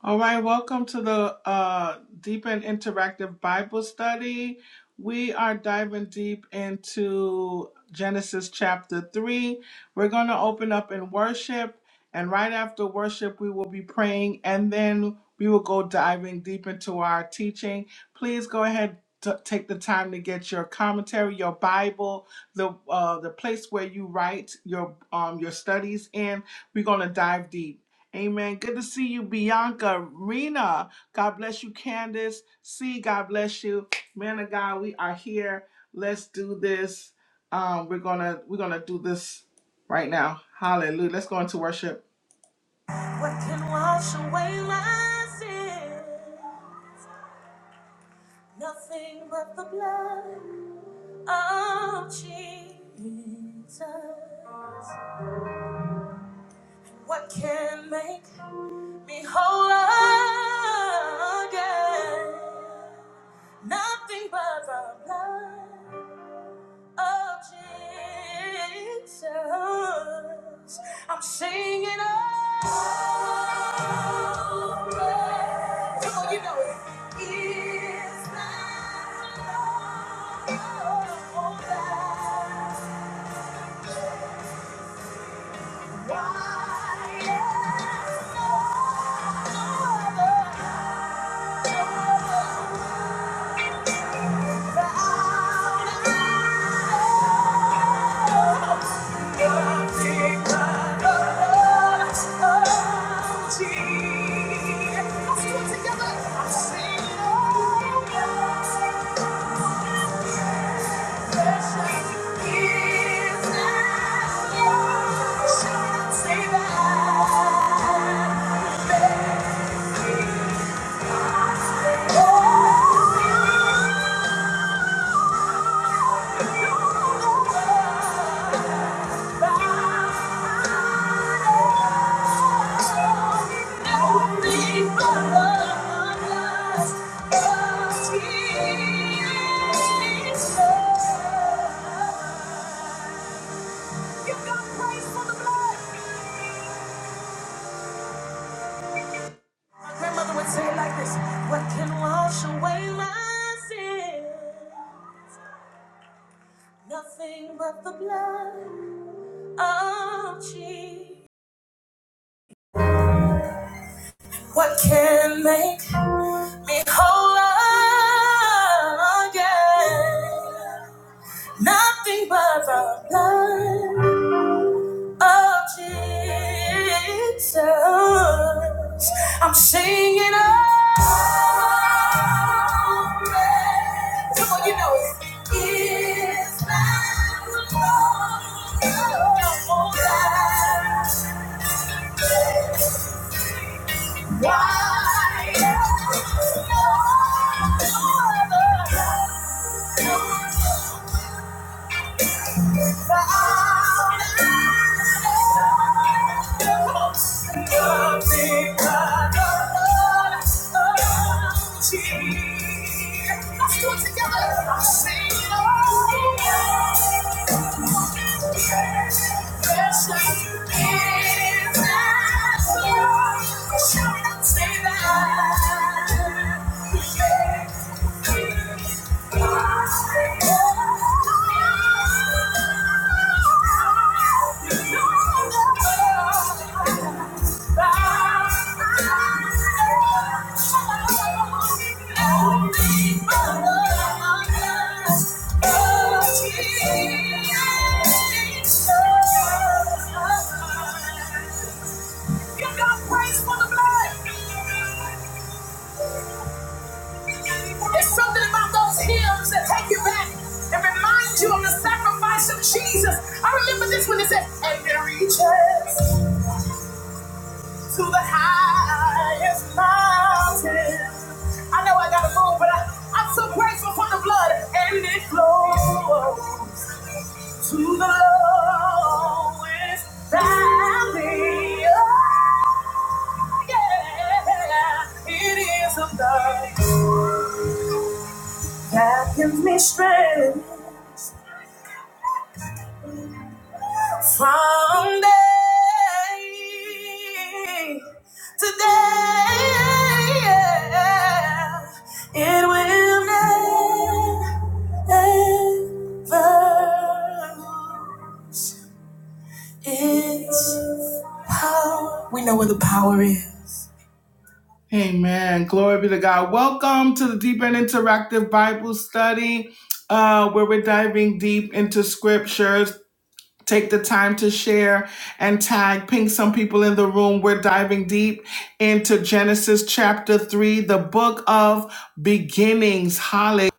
All right, welcome to the uh, Deep and Interactive Bible Study. We are diving deep into Genesis chapter 3. We're going to open up in worship, and right after worship, we will be praying, and then we will go diving deep into our teaching. Please go ahead. To take the time to get your commentary, your Bible, the uh, the place where you write your um, your studies in. We're gonna dive deep. Amen. Good to see you, Bianca, Rena. God bless you, Candace. See, God bless you, man of God. We are here. Let's do this. Um, we're gonna we're gonna do this right now. Hallelujah. Let's go into worship. What can wash away my sin? Nothing but the blood of Jesus. What can make Behold again, nothing but the blood of Jesus. I'm singing oh, blood. Come on, you know it. Is that over. Why? Say that. My grandmother would say it like this What can wash away my sin? Nothing but the blood of Jesus. What can make me whole again? Nothing but the blood of Jesus. I'm singing all praise. Come on, you know it. Is my Lord. oh, God. Why else? No other. Shout it out, say that. Give God praise for the blood. It's something about those hymns that take you back and remind you of the sacrifice of Jesus. I remember this when it said, and it reaches to the highest mountain. I know I gotta move, but I, I'm so grateful for the blood and it flows to the lowest valley. Oh, yeah, it is a love. That gives me strength from day to day. It will never its power. We know where the power is. Amen. Glory be to God. Welcome to the Deep and Interactive Bible Study, uh, where we're diving deep into scriptures Take the time to share and tag, ping some people in the room. We're diving deep into Genesis chapter 3, the book of beginnings. Hallelujah.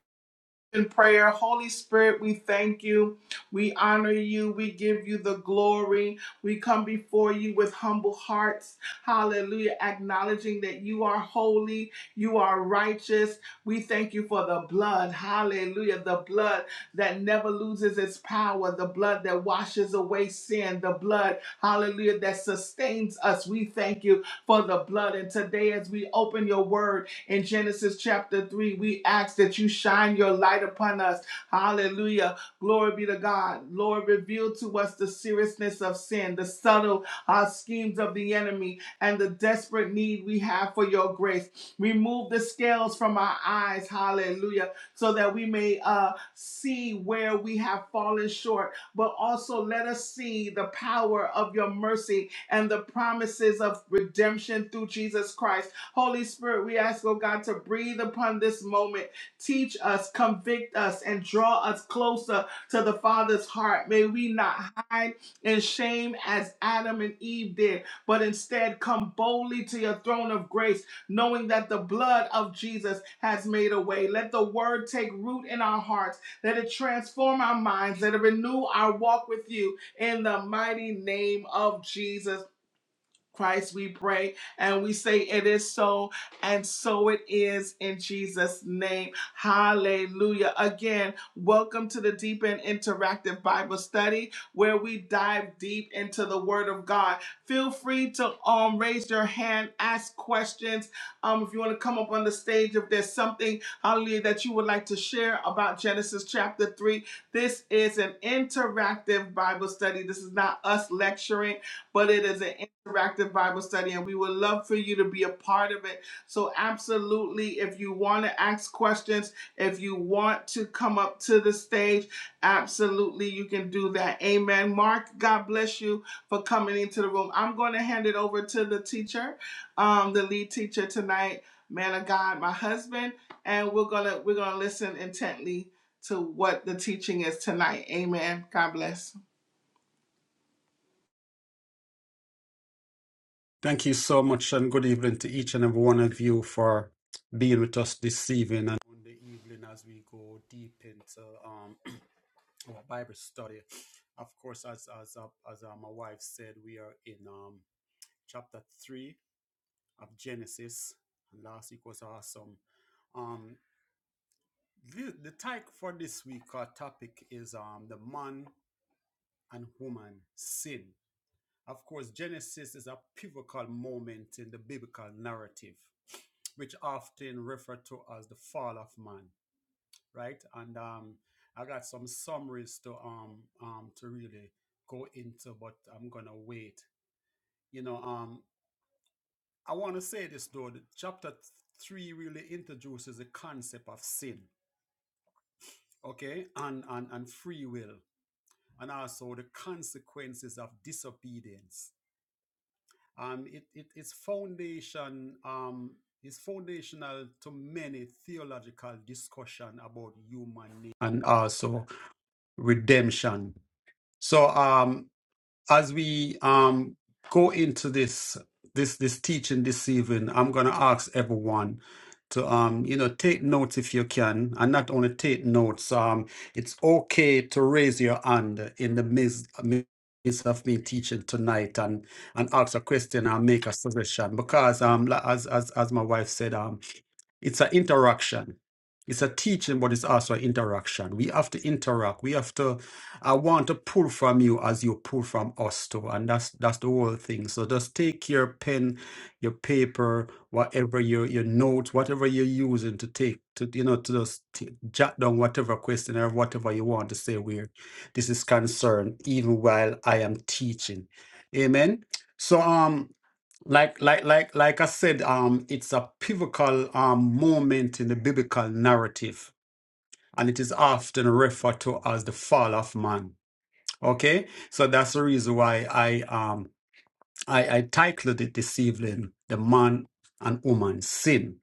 In prayer, Holy Spirit, we thank you. We honor you. We give you the glory. We come before you with humble hearts. Hallelujah. Acknowledging that you are holy, you are righteous. We thank you for the blood. Hallelujah. The blood that never loses its power, the blood that washes away sin, the blood, hallelujah, that sustains us. We thank you for the blood. And today, as we open your word in Genesis chapter 3, we ask that you shine your light upon us. Hallelujah. Glory be to God. Lord, reveal to us the seriousness of sin, the subtle uh, schemes of the enemy, and the desperate need we have for your grace. Remove the scales from our eyes, hallelujah, so that we may uh, see where we have fallen short, but also let us see the power of your mercy and the promises of redemption through Jesus Christ. Holy Spirit, we ask, oh God, to breathe upon this moment. Teach us, convict us, and draw us closer to the Father's heart. May we not hide in shame as Adam and Eve did, but instead come boldly to your throne of grace, knowing that the blood of Jesus has made a way. Let the word take root in our hearts. Let it transform our minds. Let it renew our walk with you in the mighty name of Jesus. Christ, we pray and we say it is so, and so it is in Jesus' name. Hallelujah. Again, welcome to the Deep and Interactive Bible Study where we dive deep into the Word of God. Feel free to um, raise your hand, ask questions. Um, if you want to come up on the stage, if there's something, hallelujah, that you would like to share about Genesis chapter 3, this is an interactive Bible study. This is not us lecturing but it is an interactive Bible study, and we would love for you to be a part of it. So, absolutely, if you want to ask questions, if you want to come up to the stage, absolutely, you can do that. Amen. Mark, God bless you for coming into the room. I'm going to hand it over to the teacher, um, the lead teacher tonight, man of God, my husband, and we're gonna we're gonna listen intently to what the teaching is tonight. Amen. God bless. Thank you so much, and good evening to each and every one of you for being with us this evening and on the evening as we go deep into um, our Bible study. Of course, as as uh, as uh, my wife said, we are in um, chapter three of Genesis. Last week was awesome. Um, the, the title for this week, our topic is um, the man and woman sin. Of course, Genesis is a pivotal moment in the biblical narrative, which often referred to as the fall of man, right? And um, I got some summaries to um, um to really go into, but I'm gonna wait. You know, um, I want to say this though. that chapter three really introduces the concept of sin, okay, and and and free will, and also the consequences of disobedience Um, it, it, its foundation um, is foundational to many theological discussion about human nature and also redemption. So, um, as we um go into this this this teaching this evening i'm going to ask everyone to um you know take notes if you can and not only take notes um it's okay to raise your hand in the midst, midst of me teaching tonight and and ask a question and make a suggestion because um la- as as as my wife said um, it's an interaction. It's a teaching, but it's also an interaction. We have to interact. We have to. I want to pull from you as you pull from us too, and that's that's the whole thing. So just take your pen, your paper, whatever your your notes, whatever you're using to take to you know to just t- jot down whatever question or whatever you want to say where this is concerned, even while I am teaching. Amen. So um like like like like i said um it's a pivotal um moment in the biblical narrative and it is often referred to as the fall of man okay so that's the reason why i um i i titled it this evening the man and woman sin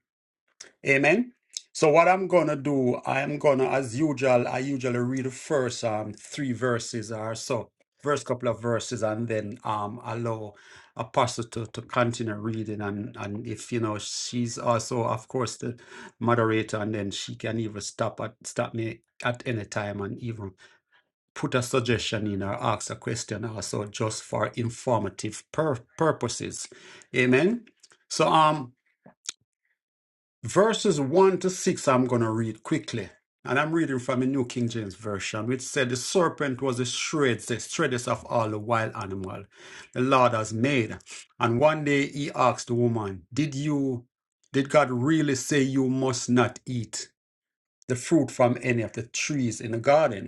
Amen. So what I'm gonna do, I'm gonna, as usual, I usually read the first um three verses or so, first couple of verses, and then um allow Apostle to, to continue reading, and and if you know she's also, of course, the moderator, and then she can even stop at stop me at any time and even put a suggestion in or ask a question also just for informative pur- purposes. Amen. So um. Verses 1 to 6, I'm going to read quickly. And I'm reading from the New King James Version, which said, The serpent was the shrewdest, the shreds of all the wild animal the Lord has made. And one day he asked the woman, Did you, did God really say you must not eat the fruit from any of the trees in the garden?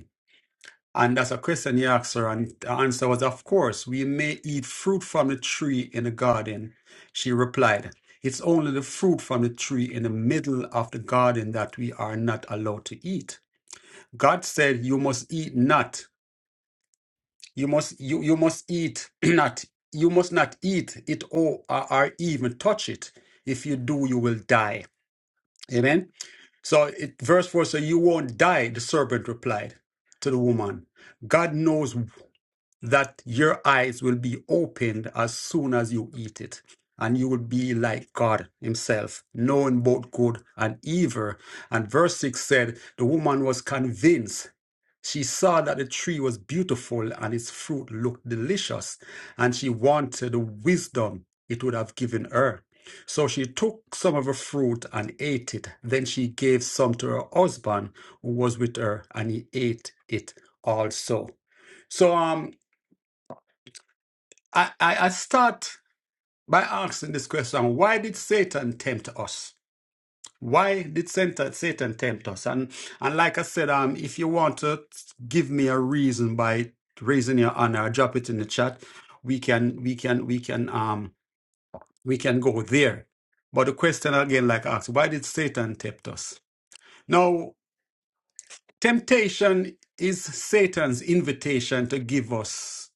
And that's a question he asked her, and the answer was, Of course, we may eat fruit from the tree in the garden. She replied, It's only the fruit from the tree in the middle of the garden that we are not allowed to eat. God said, You must eat not. You must you, you must eat not. You must not eat it or, or or even touch it. If you do, you will die. Amen. So it, verse 4 So you won't die, the serpent replied to the woman. God knows that your eyes will be opened as soon as you eat it, and you will be like God Himself, knowing both good and evil. And verse 6 said, The woman was convinced. She saw that the tree was beautiful and its fruit looked delicious, and she wanted the wisdom it would have given her. So she took some of her fruit and ate it. Then she gave some to her husband who was with her, and he ate it also. So, um, I, I, I start by asking this question why did Satan tempt us? Why did Satan, Satan tempt us? And, and like I said, um, if you want to give me a reason by raising your hand or drop it in the chat, we can we can we can um we can go there. But the question again, like I asked, why did Satan tempt us? Now, temptation is Satan's invitation to give us.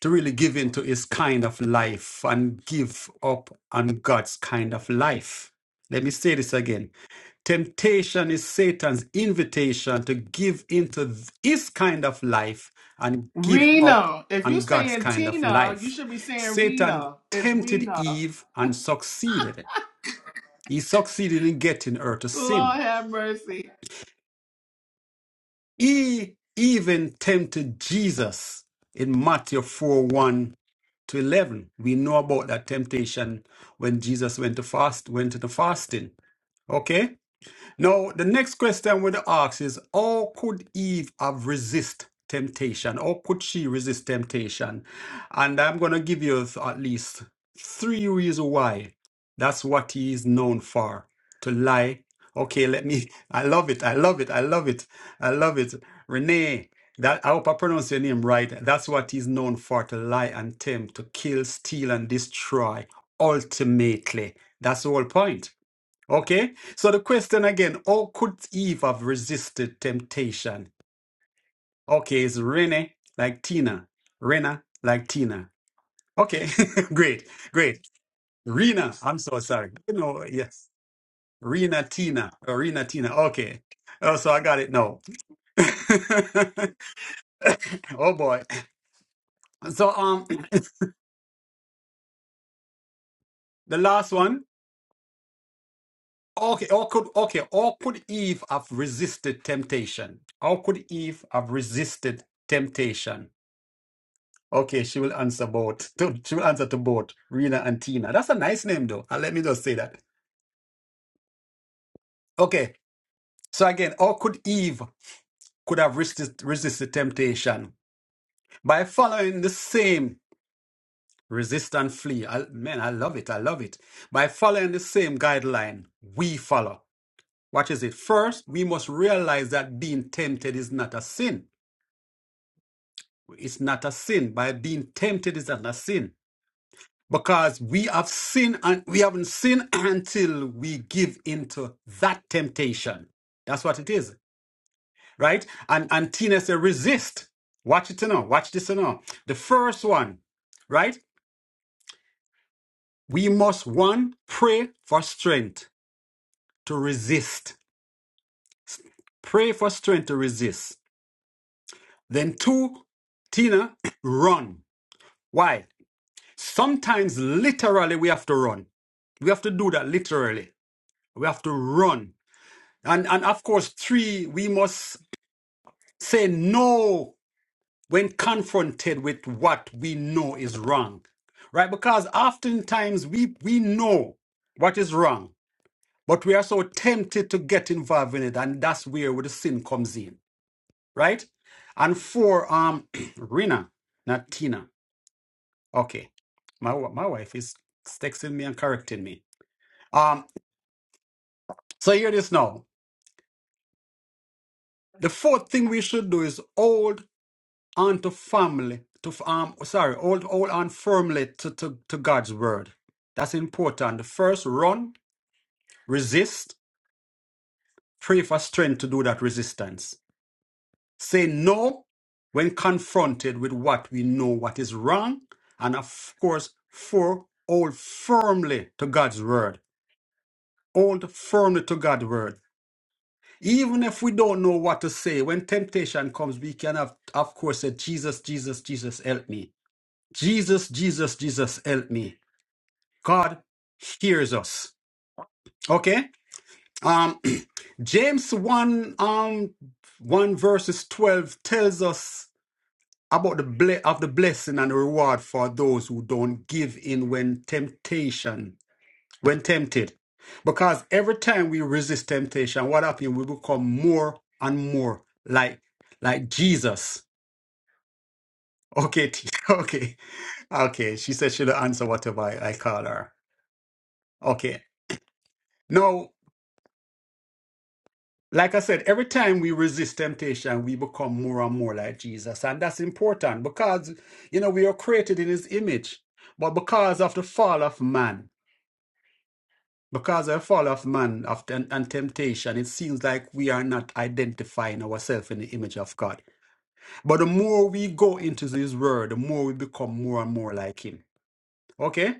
to really give into his kind of life and give up on God's kind of life. Let me say this again. Temptation is Satan's invitation to give into th- his kind of life and give up Rena. If you're on God's saying kind of Tina, you life. should be saying Satan Rena. It's tempted Rena. Eve and succeeded. He succeeded in getting her to sin. Lord have mercy. He even tempted Jesus in Matthew four one. to 11 we know about that temptation when jesus went to fast went into fasting okay now, the next question we ask is how could Eve have resist temptation? How could she resist temptation? And I'm going to give you at least three reasons why that's what he is known for to lie. Okay, let me. I love it. I love it. I love it. I love it. Renee, that I hope I pronounce your name right. That's what he's known for to lie and tempt, to kill, steal, and destroy. Ultimately, that's the whole point. Okay, so the question again, how could Eve have resisted temptation? Okay, it's Rene like Tina. Rena like Tina. Okay, great, great. Rena, I'm so sorry. You know, yes. Rena Tina. Or Rena Tina. Okay. Oh, so I got it now. oh boy. So um the last one. Okay, or could okay, or could Eve have resisted temptation? How could Eve have resisted temptation? Okay, she will answer both. To- She will answer to both Rena and Tina. That's a nice name, though. And let me just say that. Okay, so again, or could Eve could have resisted, resisted temptation by following the same resist and flee? I, man, I love it. I love it. By following the same guideline we follow. What is it? First, we must realize that being tempted is not a sin. It's not a sin. By being tempted is not a sin. because we have seen and we haven't seen until we give into that temptation. That's what it is, right? And and Tina said, resist. Watch it to know. Watch this to know. The first one, right? We must one pray for strength to resist. Pray for strength to resist. Then two, Tina, run. Why? Sometimes literally we have to run. We have to do that literally. We have to run And, and of course, three, we must say no when confronted with what we know is wrong, right? Because oftentimes we, we know what is wrong, but we are so tempted to get involved in it. And that's where the sin comes in, right? And four, um, Rina, not Tina. Okay. My, wa- my wife is texting me and correcting me. Um, so hear this now. The fourth thing we should do is hold on to family to f- um sorry hold hold on firmly to, to to god's word that's important the first run resist pray for strength to do that resistance say no when confronted with what we know what is wrong and of course four hold firmly to god's word hold firmly to god's word even if we don't know what to say when temptation comes we can have of course say jesus jesus jesus help me Jesus, Jesus, Jesus, help me. God hears us. Okay? Um, James 1, um, 1 verses 12 tells us about the ble- of the blessing and the reward for those who don't give in when temptation, when tempted. Because every time we resist temptation, what happens? We become more and more like like Jesus. Okay, okay, okay. She said she'll answer whatever I, I call her. Okay. Now, like I said, every time we resist temptation, we become more and more like Jesus. And that's important because, you know, we are created in his image. But because of the fall of man, because of the fall of man of, and, and temptation, it seems like we are not identifying ourselves in the image of God. But the more we go into his word, the more we become more and more like him. Okay?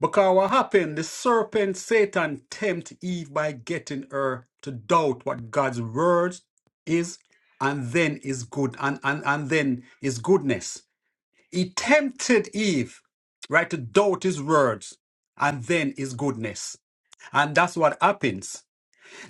Because what happened? The serpent Satan tempt Eve by getting her to doubt what God's word is and then is good and, and, and then is goodness. He tempted Eve, right, to doubt his words and then his goodness. And that's what happens.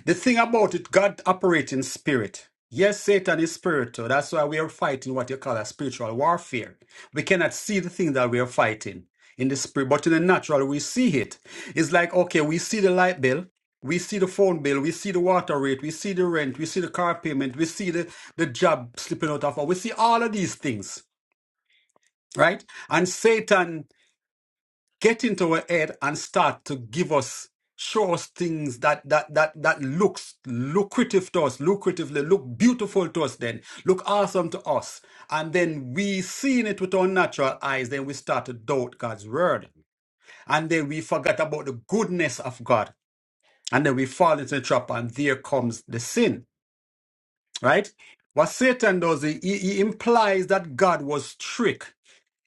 The thing about it, God operates in spirit. Yes, Satan is spiritual. That's why we are fighting what you call a spiritual warfare. We cannot see the thing that we are fighting in the spirit, but in the natural, we see it. It's like, okay, we see the light bill, we see the phone bill, we see the water rate, we see the rent, we see the car payment, we see the, the job slipping out of, our- we see all of these things, right? And Satan get into our head and start to give us show us things that that that that looks lucrative to us lucratively look beautiful to us then look awesome to us and then we seeing it with our natural eyes then we start to doubt god's word and then we forget about the goodness of god and then we fall into the trap and there comes the sin right what satan does he, he he implies that god was tricked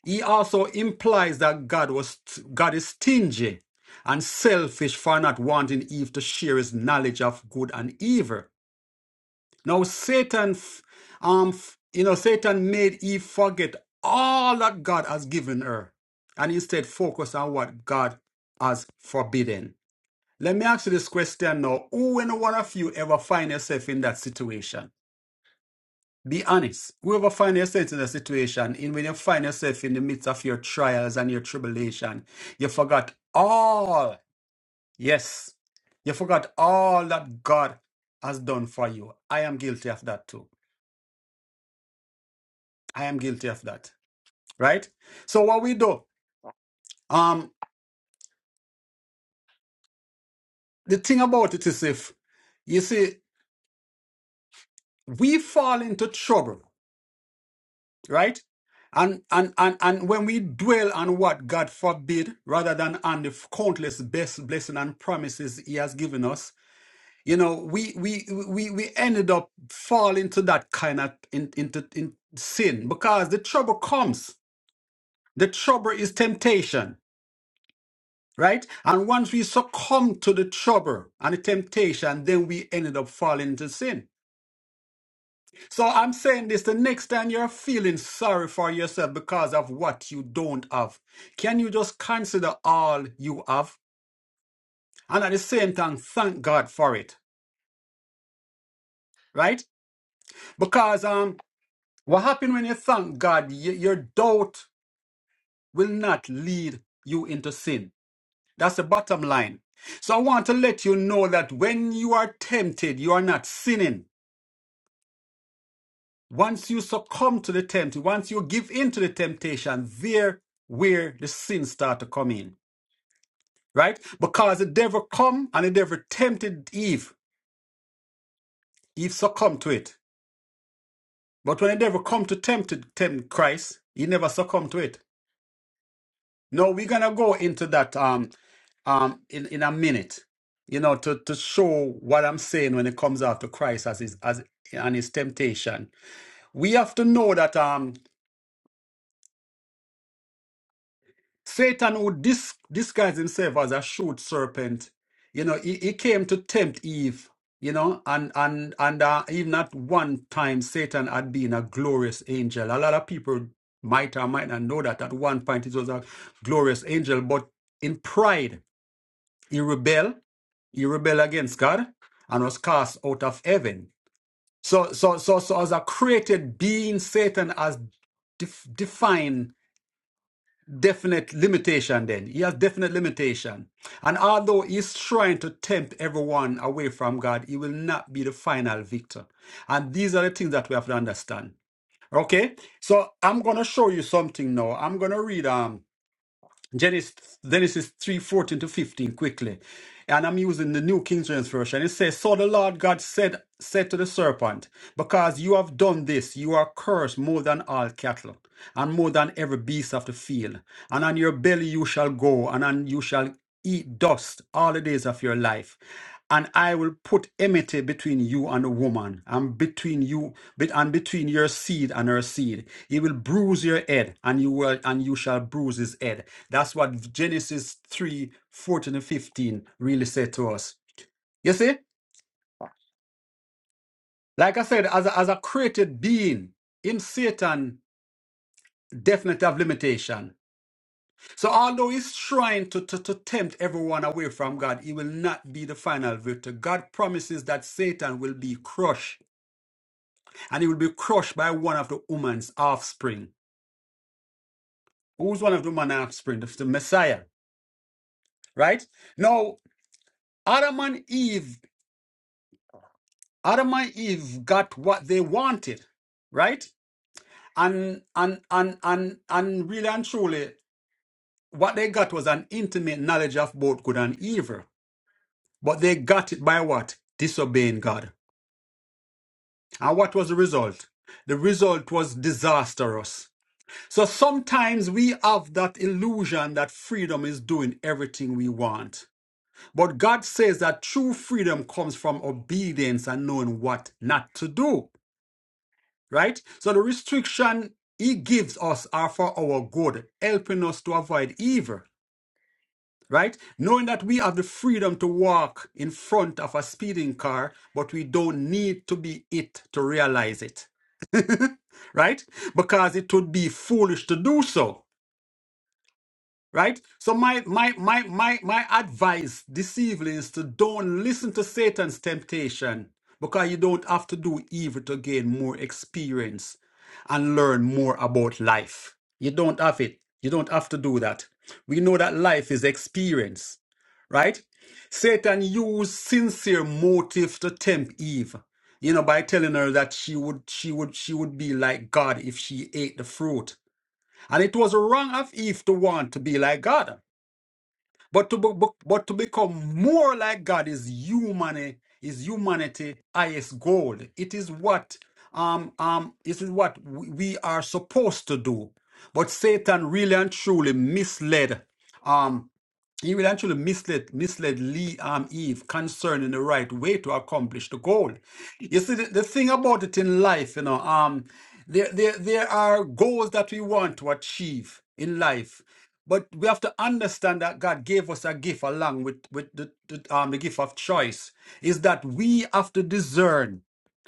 he also implies that God was God is stingy and selfish for not wanting Eve to share his knowledge of good and evil. Now Satan f- um f- you know Satan made Eve forget all that God has given her and instead focus on what God has forbidden. Let me ask you this question now. Who and one of you ever find yourself in that situation? Be honest. Whoever find yourself in a situation in when you find yourself in the midst of your trials and your tribulation, you forgot all. Yes. You forgot all that God has done for you. I am guilty of that too. I am guilty of that. Right? So what we do, um, the thing about it is if you see, we fall into trouble right? And, and and and when we dwell on what God forbid, rather than on the countless best blessing and promises He has given us, you know, we we we we ended up falling to that kind of in, into in sin because the trouble comes. The trouble is temptation, right? And once we succumb to the trouble and the temptation, then we ended up falling into sin. So I'm saying this the next time you're feeling sorry for yourself because of what you don't have, can you just consider all you have and at the same time thank God for it, right? Because um, what happens when you thank God, y- your doubt will not lead you into sin. That's the bottom line. So I want to let you know that when you are tempted, you are not sinning. Once you succumb to the temptation, once you give in to the temptation, there where the sins start to come in, right? Because the devil come and the devil tempted Eve. Eve succumbed to it. But when the devil come to tempt, tempt Christ, he never succumbed to it. No, we're gonna go into that um um in, in a minute, you know, to, to show what I'm saying when it comes after Christ as his as and his temptation. We have to know that um Satan would dis- disguise himself as a shoot serpent. You know, he, he came to tempt Eve. You know, and and and uh, even at one time, Satan had been a glorious angel. A lot of people might or might not know that at one point it was a glorious angel, but in pride he rebelled. He rebelled against God and was cast out of heaven. So, so, so, so, as a created being, Satan has def- defined definite limitation then. He has definite limitation. And although he's trying to tempt everyone away from God, he will not be the final victor. And these are the things that we have to understand. Okay? So I'm gonna show you something now. I'm gonna read um Genesis, Genesis 3 fourteen to 15 quickly. And I'm using the New King James Version. It says, So the Lord God said, said to the serpent, Because you have done this, you are cursed more than all cattle, and more than every beast of the field. And on your belly you shall go, and on you shall eat dust all the days of your life and I will put enmity between you and the woman, and between you bet- and between your seed and her seed. He will bruise your head, and you will and you shall bruise his head. That's what Genesis 3 14 and 15 really said to us. You see, like I said, as a, as a created being, him Satan definitely have limitation. So although he's trying to, to, to tempt everyone away from God, he will not be the final victor. God promises that Satan will be crushed and he will be crushed by one of the woman's offspring. Who's one of the woman's offspring? That's the Messiah, right? Now, Adam and Eve, Adam and Eve got what they wanted, right? And and and and and really and truly, what they got was an intimate knowledge of both good and evil. But they got it by what? Disobeying God. And what was the result? The result was disastrous. So sometimes we have that illusion that freedom is doing everything we want. But God says that true freedom comes from obedience and knowing what not to do, right? So the restriction He gives us are for our good, helping us to avoid evil, right? Knowing that we have the freedom to walk in front of a speeding car, but we don't need to be it to realize it, right? Because it would be foolish to do so. right so my my my my my advice this evening is to don't listen to satan's temptation because you don't have to do evil to gain more experience and learn more about life you don't have it you don't have to do that we know that life is experience right satan used sincere motive to tempt eve you know by telling her that she would she would she would be like god if she ate the fruit and it was wrong of Eve to want to be like God. But to, be, but to become more like God is humanity, is humanity highest goal. It is what um um it is what we we are supposed to do. But Satan really and truly misled. um. He will actually misled, misled Lee and Eve concerning the right way to accomplish the goal. You see, the, the thing about it in life, you know, um, there, there, there are goals that we want to achieve in life, but we have to understand that God gave us a gift along with, with the, the, um, the gift of choice, is that we have to discern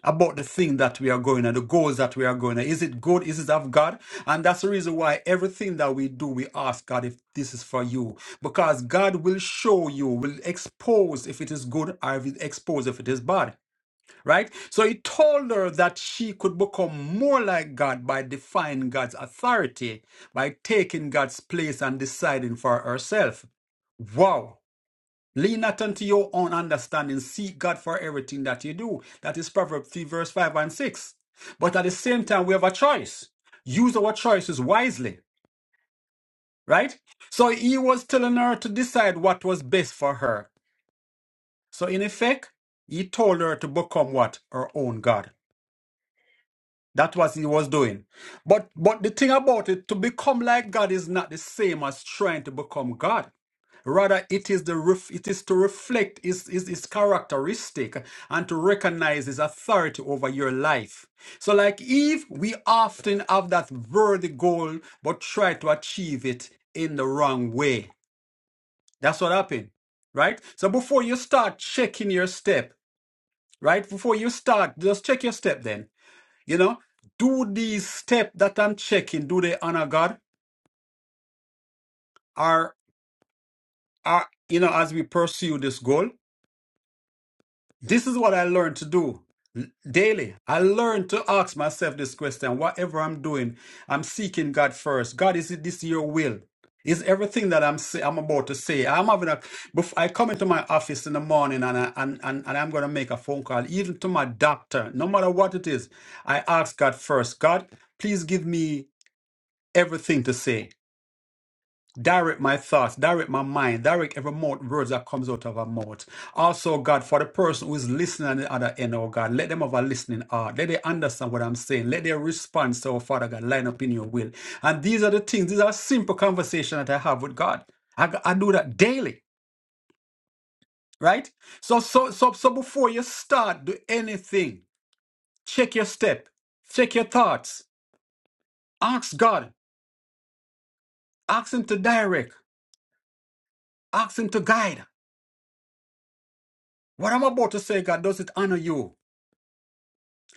about the thing that we are going and the goals that we are going and is it good is it of god and that's the reason why everything that we do we ask god if this is for you because god will show you will expose if it is good or will expose if it is bad right so he told her that she could become more like god by defying god's authority by taking god's place and deciding for herself wow Lean not unto your own understanding. Seek God for everything that you do. That is Proverbs 3, verse 5 and 6. But at the same time, we have a choice. Use our choices wisely, right? So he was telling her to decide what was best for her. So in effect, he told her to become what? Her own God. That was he was doing. But but the thing about it, to become like God is not the same as trying to become God. Rather, it is the ref, it is to reflect his, his, his characteristic and to recognize his authority over your life. So, like Eve, we often have that worthy goal, but try to achieve it in the wrong way. That's what happened, right? So before you start checking your step, right? Before you start, just check your step then you know, do these steps that I'm checking, do they honor God? Are are you know, as we pursue this goal? This is what I learned to do daily. I learned to ask myself this question. Whatever I'm doing, I'm seeking God first. God, is it this your will? Is everything that I'm say, I'm about to say? I'm having a. Before I come into my office in the morning and I and, and, and I'm gonna make a phone call, even to my doctor, no matter what it is. I ask God first. God, please give me everything to say. Direct my thoughts, direct my mind, direct every mouth, words that comes out of our mouth. Also, God, for the person who is listening on the other end, oh God, let them have a listening heart. Let they understand what I'm saying. Let their response, to our Father God, line up in your will. And these are the things, these are simple conversations that I have with God. I, I do that daily, right? So, so, so, so before you start, do anything. Check your step, check your thoughts. Ask God, ask Him to direct, ask Him to guide. What I'm about to say, God, does it honor you?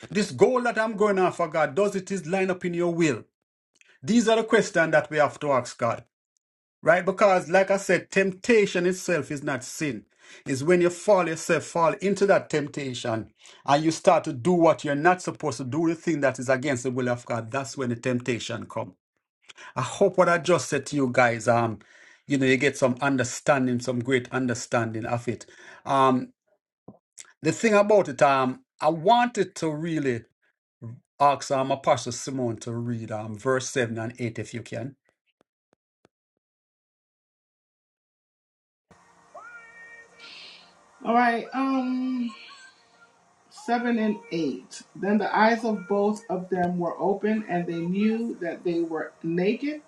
This goal that I'm going after, God, does it is line up in your will? These are the questions that we have to ask God, right? Because, like I said, temptation itself is not sin. It's when you fall yourself, fall into that temptation, and you start to do what you're not supposed to do, the thing that is against the will of God. That's when the temptation comes. I hope what I just said to you guys, um, you know, you get some understanding, some great understanding of it. Um, the thing about it, um, I wanted to really ask um, Apostle Simon to read um, verse 7 and 8 if you can. All right. Um, seven and eight. Then the eyes of both of them were open, and they knew that they were naked,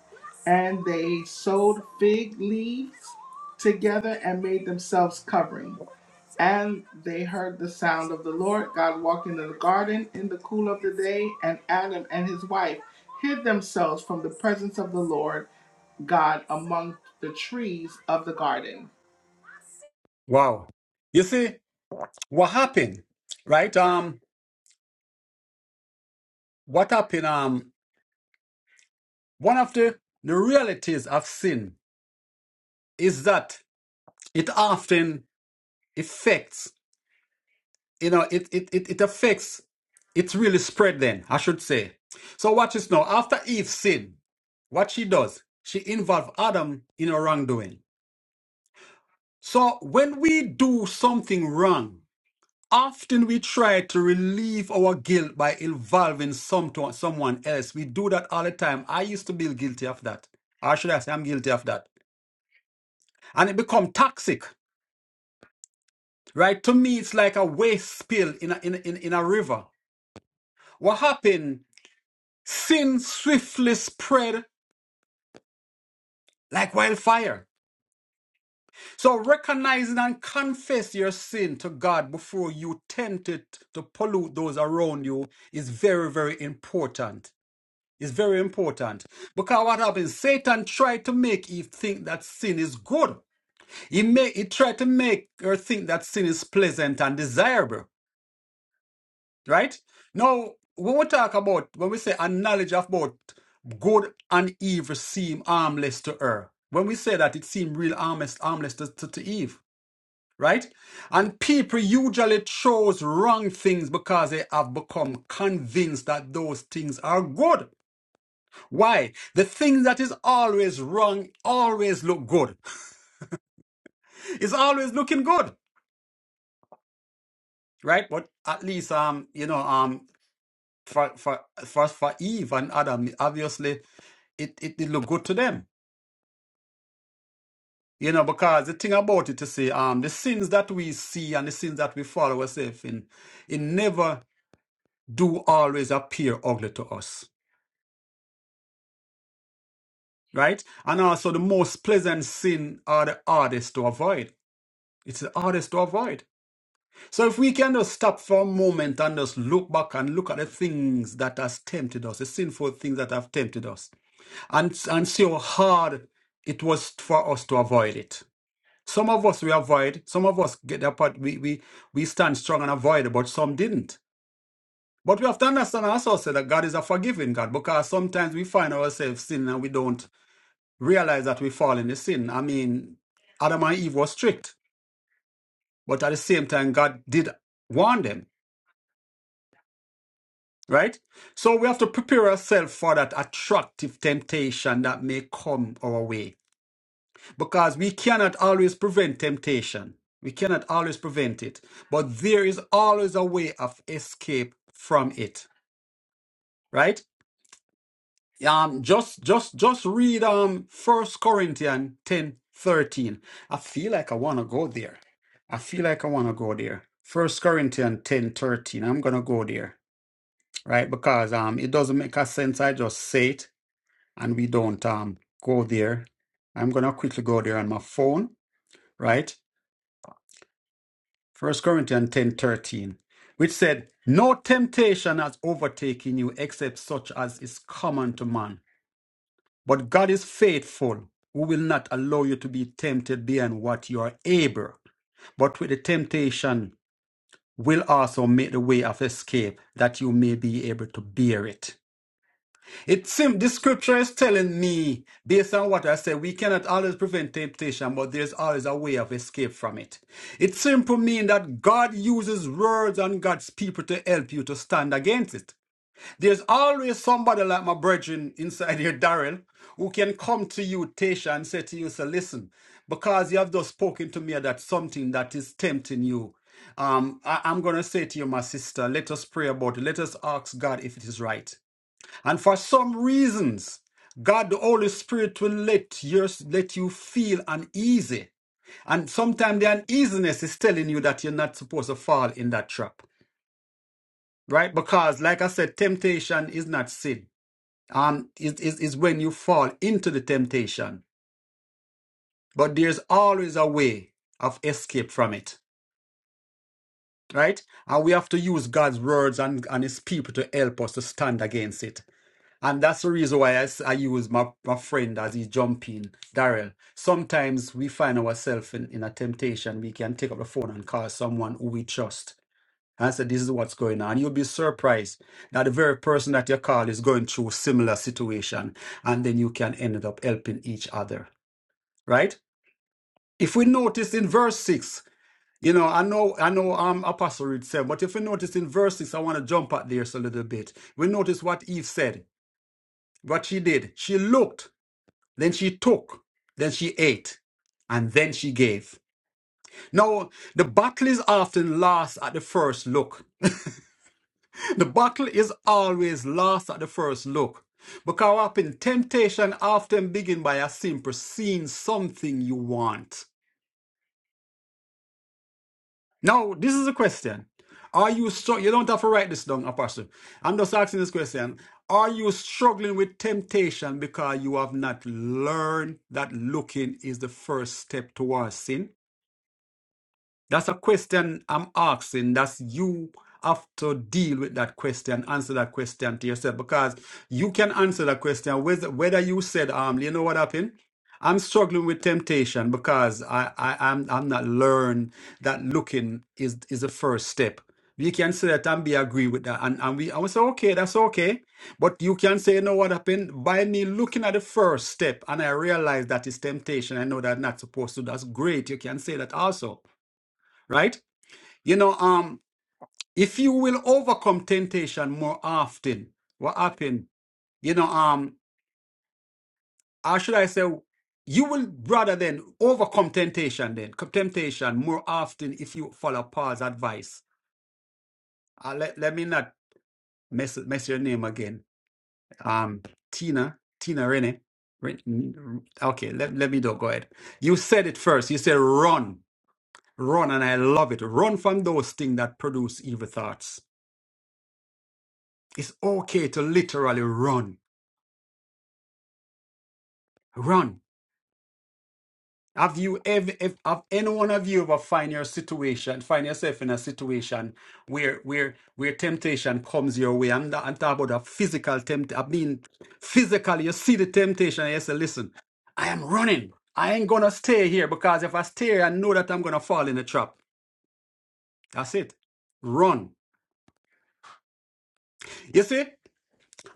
and they sewed fig leaves together and made themselves covering. And they heard the sound of the Lord God walking in the garden in the cool of the day, and Adam and his wife hid themselves from the presence of the Lord God among the trees of the garden. Wow. You see, what happened, right? Um, what happened? Um, one of the, the realities of sin is that it often affects, you know, it, it, it, it affects, it's really spread then, I should say. So watch this now. After Eve sinned, what she does, she involved Adam in her wrongdoing. So when we do something wrong, Often we try to relieve our guilt by involving some to, someone else. We do that all the time. I used to be guilty of that. Or should I say I'm guilty of that? And it becomes toxic, right? To me, it's like a waste spill in a, in, a- in, in a river. What happened? Sin swiftly spread like wildfire. So recognizing and confess your sin to God before you tempt it to pollute those around you is very, very important. It's very important. Because what happens? Satan tried to make Eve think that sin is good. He made he tried to make her think that sin is pleasant and desirable. Right? Now, when we talk about when we say a knowledge of both good and evil seem harmless to her. When we say that it seemed real harmless, harmless to, to, to Eve, right? And people usually chose wrong things because they have become convinced that those things are good. Why? The thing that is always wrong always look good. It's always looking good, right? But at least, um, you know, um, for for for for Eve and Adam, obviously, it it did look good to them, you know, because the thing about it to say, um, the sins that we see and the sins that we follow ourselves in, it never do always appear ugly to us, right? And also, the most pleasant sin are the hardest to avoid. It's the hardest to avoid So if we can just stop for a moment and just look back and look at the things that has tempted us, the sinful things that have tempted us, and and see how hard it was for us to avoid it. Some of us we avoid, some of us get that part we we we stand strong and avoid it, but some didn't. But we have to understand also say that God is a forgiving God because sometimes we find ourselves sinning and we don't realize that we fall in the sin. I mean, Adam and Eve were strict, but at the same time God did warn them. right? So we have to prepare ourselves for that attractive temptation that may come our way because we cannot always prevent temptation. We cannot always prevent it, but there is always a way of escape from it, right? Um, just, just, just read um First Corinthians ten thirteen. I feel like I want to go there. I feel like I want to go there. First Corinthians 1013 I'm gonna go there, right? Because um, it doesn't make a sense. I just say it and we don't um, go there. I'm going to quickly go there on my phone, right? First Corinthians ten thirteen, which said, No temptation has overtaken you except such as is common to man. But God is faithful, who will not allow you to be tempted beyond what you are able, but with the temptation will also make the way of escape that you may be able to bear it. It seems the scripture is telling me, based on what I said, we cannot always prevent temptation, but there's always a way of escape from it. It simply means that God uses words and God's people to help you to stand against it. There's always somebody like my brethren inside here, Darrell, who can come to you, Tasha, and say to you, so listen, because you have just spoken to me that something that is tempting you. Um, I, I'm gonna say to you, my sister, let us pray about it. Let us ask God if it is right. And for some reasons, God the Holy Spirit will let you let you feel uneasy. And sometimes the uneasiness is telling you that you're not supposed to fall in that trap. Right? Because like I said, temptation is not sin. Um it is is when you fall into the temptation. But there's always a way of escape from it. Right? And we have to use God's words and, and his people to help us to stand against it. And that's the reason why I, s- I use my, my friend as he jump in, Daryl. Sometimes we find ourselves in, in a temptation. We can take up the phone and call someone who we trust and say, This is what's going on. You'll be surprised that the very person that you call is going through a similar situation. And then you can end up helping each other. Right? If we notice in verse six, you know, I know, I know, um, Apostle Reed said, but if we notice in verse six, I want to jump at there a little bit. We notice what Eve said, what she did. She looked Then she took. Then she ate. And then she gave. Now, the battle is often lost at the first look. The battle is always lost at the first look. Because what happen, temptation often begin by a simple seeing something you want. Now, this is a question. Are you struggling? You don't have to write this down, Apostle. I'm just asking this question. Are you struggling with temptation because you have not learned that looking is the first step towards sin? That's a question I'm asking. That's you have to deal with that question, answer that question to yourself because you can answer that question whether, whether you said, um, you know what happened? I'm struggling with temptation because I, I, I'm, I'm not learned that looking is, is the first step. We can say that and be agree with that. And, and we, I will say, okay, that's okay. But you can say, you know what happened? By me looking at the first step and I realize that is temptation. I know that I'm not supposed to. That's great. You can say that also right? You know, um, if you will overcome temptation more often, what happen? You know, um, how should I say? You will rather than overcome temptation, then c- temptation more often if you follow Paul's advice. Uh, let, let me not mess mess your name again. Um, Tina, Tina Rene. Ren- n- Okay, let, let me do go ahead. You said it first. You said run, run, and I love it. Run from those things that produce evil thoughts It's okay to literally run. Run. Have you ever, if, have any one of you ever find your situation, find yourself in a situation where where where temptation comes your way? I'm not I'm talking about a physical tempt. I mean, physically, you see the temptation and you say, listen, I am running. I ain't gonna stay here because if I stay here, I know that I'm gonna fall in the trap. That's it. Run. You see?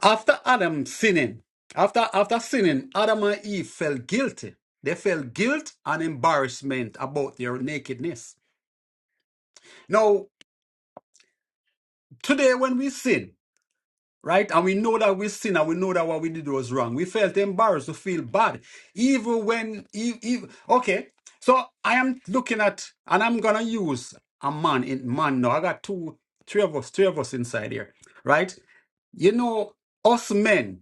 After Adam sinning, after after sinning, Adam and Eve felt guilty. They felt guilt and embarrassment about their nakedness. Now, today when we sin, right, and we know that we sin and we know that what we did was wrong, we felt embarrassed, we feel bad, even when, even, okay. So I am looking at, and I'm gonna use a man in man now. I got two, three of us, three of us inside here, right? You know, us men.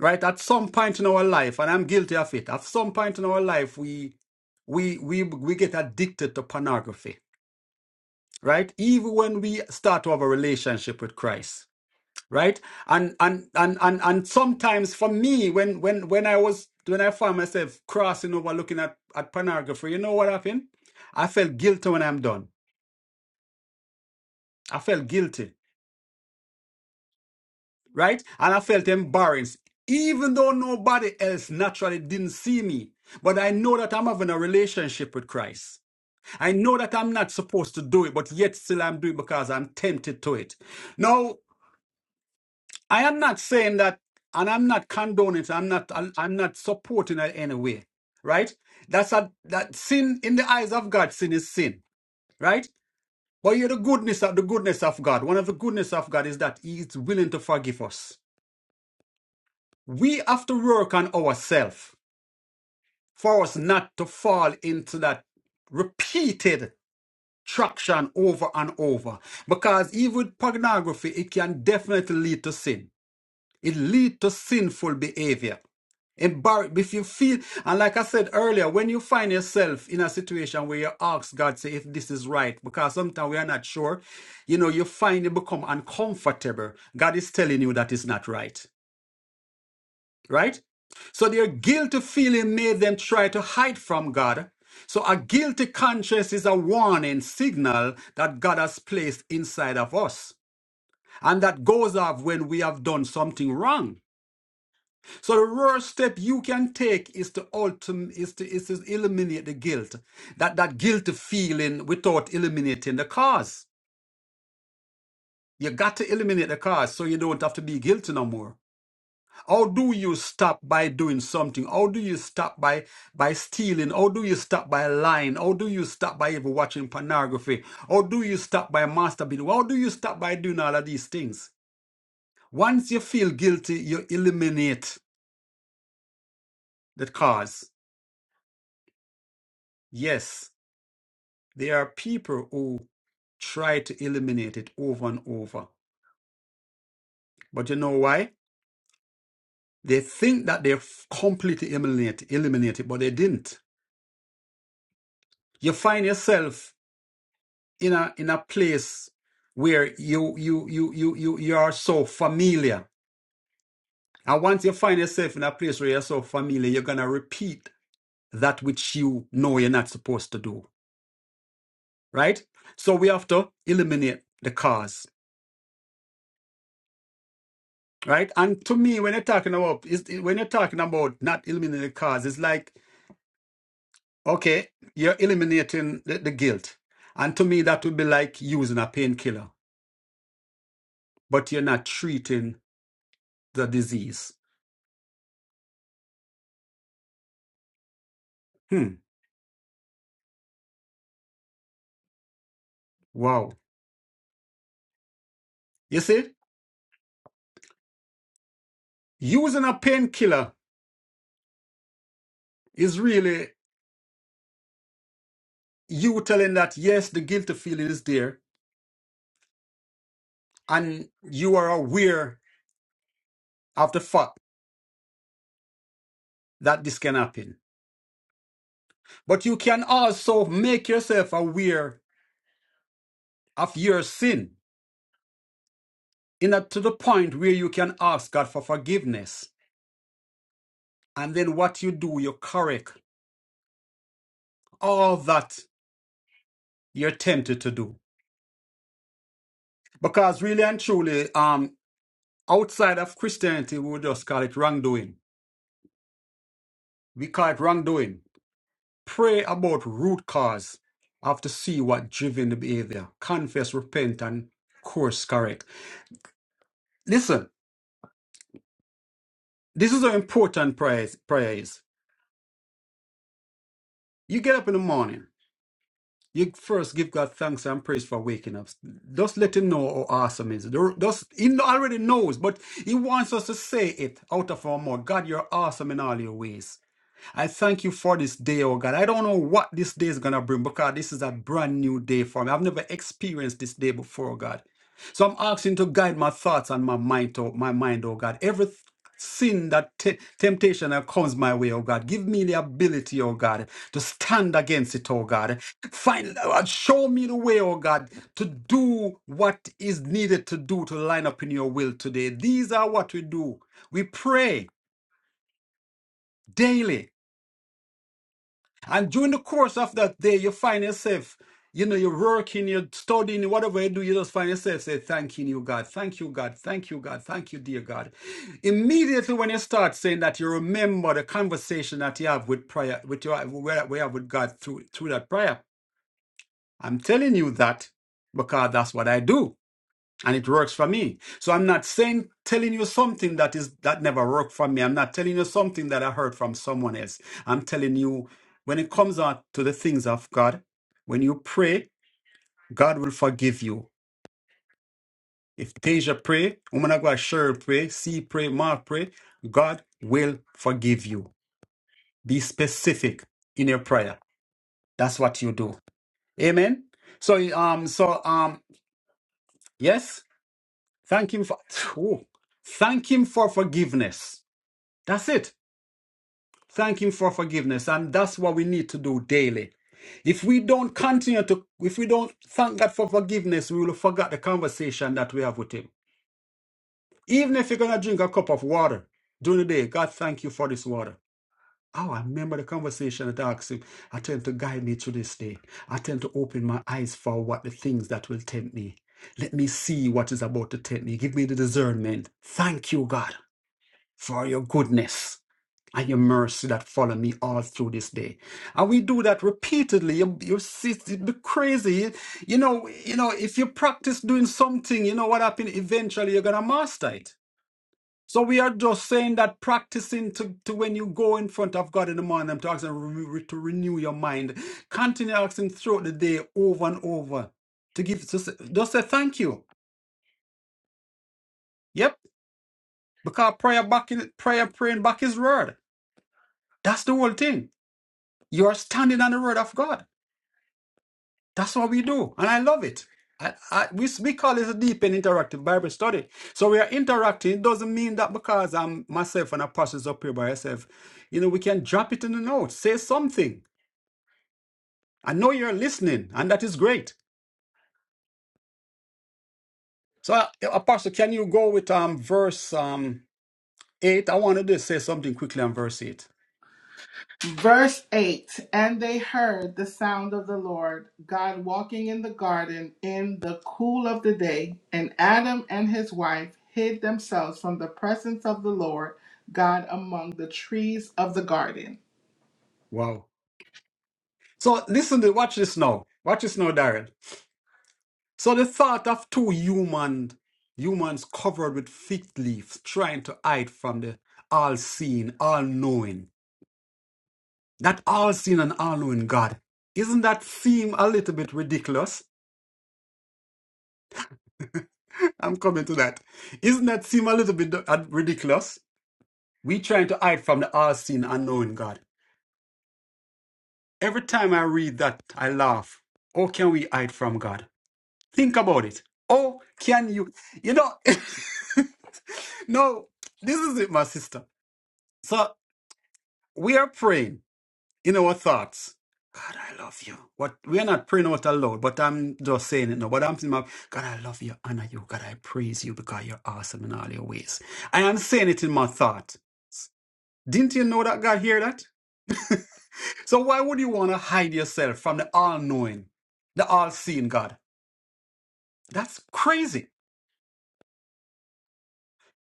right at some point in our life and i'm guilty of it at some point in our life we we we we get addicted to pornography right even when we start to have a relationship with christ right and and and and, and sometimes for me when when when i was when i found myself crossing over looking at at pornography you know what happened i felt guilty when i'm done i felt guilty right? And I felt embarrassed, even though nobody else naturally didn't see me. But I know that I'm having a relationship with Christ. I know that I'm not supposed to do it, but yet still I'm doing it because I'm tempted to it. Now, I am not saying that, and I'm not condoning it. I'm not. I'm not supporting it in any way. right? That's a that sin in the eyes of God. Sin is sin, right? But you're the goodness of the goodness of God. One of the goodness of God is that He is willing to forgive us we have to work on ourselves for us not to fall into that repeated traction over and over. Because even with pornography, it can definitely lead to sin. It leads to sinful behavior. Embarrass if you feel and like I said earlier, when you find yourself in a situation where you ask God, say if this is right, because sometimes we are not sure, you know, you find it become uncomfortable. God is telling you that it's not right. right? So their guilty feeling made them try to hide from God. So a guilty conscience is a warning signal that God has placed inside of us. And that goes off when we have done something wrong. So the first step you can take is to ultim- is to, is to eliminate the guilt. That that guilty feeling without eliminating the cause. You got to eliminate the cause so you don't have to be guilty no more. How do you stop by doing something? How do you stop by by stealing? How do you stop by lying? How do you stop by even watching pornography? How do you stop by masturbating? How do you stop by doing all of these things? Once you feel guilty, you eliminate the cause. Yes, there are people who try to eliminate it over and over. But you know why? They think that they've completely eliminate, eliminate it, but they didn't. You find yourself in a in a place where you you you you you you are so familiar. And once you find yourself in a place where you're so familiar, you're gonna repeat that which you know you're not supposed to do. Right? So we have to eliminate the cause. Right? And to me, when you're talking about is when you're talking about not eliminating the cause, it's like, okay, you're eliminating the, the guilt. And to me, that would be like using a painkiller, but you're not treating the disease. Hmm. Wow. You see? Using a painkiller is really you telling that yes, the guilty feeling is there, and you are aware of the fact that this can happen. But you can also make yourself aware of your sin in a, to the point where you can ask God for forgiveness. And then what you do, you correct all that you're tempted to do. Because really and truly, um, outside of Christianity, we would just call it wrongdoing. We call it wrongdoing. Pray about root cause. I Have to see what driven the behavior. Confess, repent, and course correct. Listen, this is how important prayer is. Prayer is. You get up in the morning. You first give God thanks and praise for waking up. Just let Him know how awesome He is. The- Just He already knows, but He wants us to say it out of our mouth. God, you're awesome in all your ways. I thank you for this day, oh God. I don't know what this day is going to bring because this is a brand new day for me. I've never experienced this day before, oh God. So I'm asking to guide my thoughts and my mind, oh, my mind, oh God. Every th- sin that te- temptation that comes my way, oh God, give me the ability, oh God, to stand against it, oh God. Find, uh, show me the way, oh God, to do what is needed to do to line up in your will today. These are what we do. We pray daily And during the course of that day, you find yourself, you know, you're working, you're studying, whatever you do, you just find yourself say, thanking you, God. Thank you, God. Thank you, God. Thank you, dear God. Immediately when you start saying that, you remember the conversation that you have with prayer, with your we have with God through through that prayer. I'm telling you that because that's what I do and it works for me. So I'm not saying telling you something that is that never worked for me. I'm not telling you something that I heard from someone else. I'm telling you when it comes out to the things of God, when you pray, God will forgive you. If Deja pray, woman of God Cheryl pray, C pray, Mark pray, God will forgive you. Be specific in your prayer. That's what you do. Amen. So um so um yes, thank him for ooh, thank him for forgiveness That's it. Thank Him for forgiveness. And that's what we need to do daily. If we don't continue to, if we don't thank God for forgiveness, we will forget the conversation that we have with Him. Even if you're going to drink a cup of water during the day, God, thank you for this water. Oh, I remember the conversation that I asked Him. I tend to guide me through this day. I tend to open my eyes for what the things that will tempt me. Let me see what is about to tempt me. Give me the discernment. Thank you, God, for your goodness. and your mercy that follow me all through this day. And we do that repeatedly. You, you see, it'd be crazy. You know, you know, if you practice doing something, you know what happens eventually you're gonna master it. So we are just saying that practicing to, to when you go in front of God in the morning, I'm talking to, renew- to renew your mind. Continue asking throughout the day over and over to give just, just say thank you. Yep. Because prayer back in prayer praying back his word. That's the whole thing. You are standing on the word of God. That's what we do, and I love it. I, I, we, we call it a deep and interactive Bible study. So we are interacting. It doesn't mean that because I'm myself and apostles up here by myself, you know, we can drop it in the notes, say something. I know you're listening, and that is great. So, uh, Apostle, can you go with um verse um eight? I wanted to say something quickly on verse eight. Verse 8 And they heard the sound of the Lord God walking in the garden in the cool of the day, and Adam and his wife hid themselves from the presence of the Lord God among the trees of the garden. Wow. So listen to watch this now. Watch this now, Darren. So the thought of two human humans covered with fig leaves trying to hide from the all seeing, all knowing, that all seeing and all knowing God. Isn't that seem a little bit ridiculous? I'm coming to that. Isn't that seem a little bit uh, ridiculous? We trying to hide from the all seeing all knowing God. Every time I read that, I laugh. How can we hide from God? Think about it. Oh, can you? You know, no, this is it, my sister. So we are praying in our thoughts. God, I love you. What we are not praying out aloud, but I'm just saying it now. But I'm saying, God, I love you, honor you. God, I praise you because you're awesome in all your ways. I am saying it in my thought. Didn't you know that God hear that? so why would you want to hide yourself from the all-knowing, the all-seeing God? That's crazy.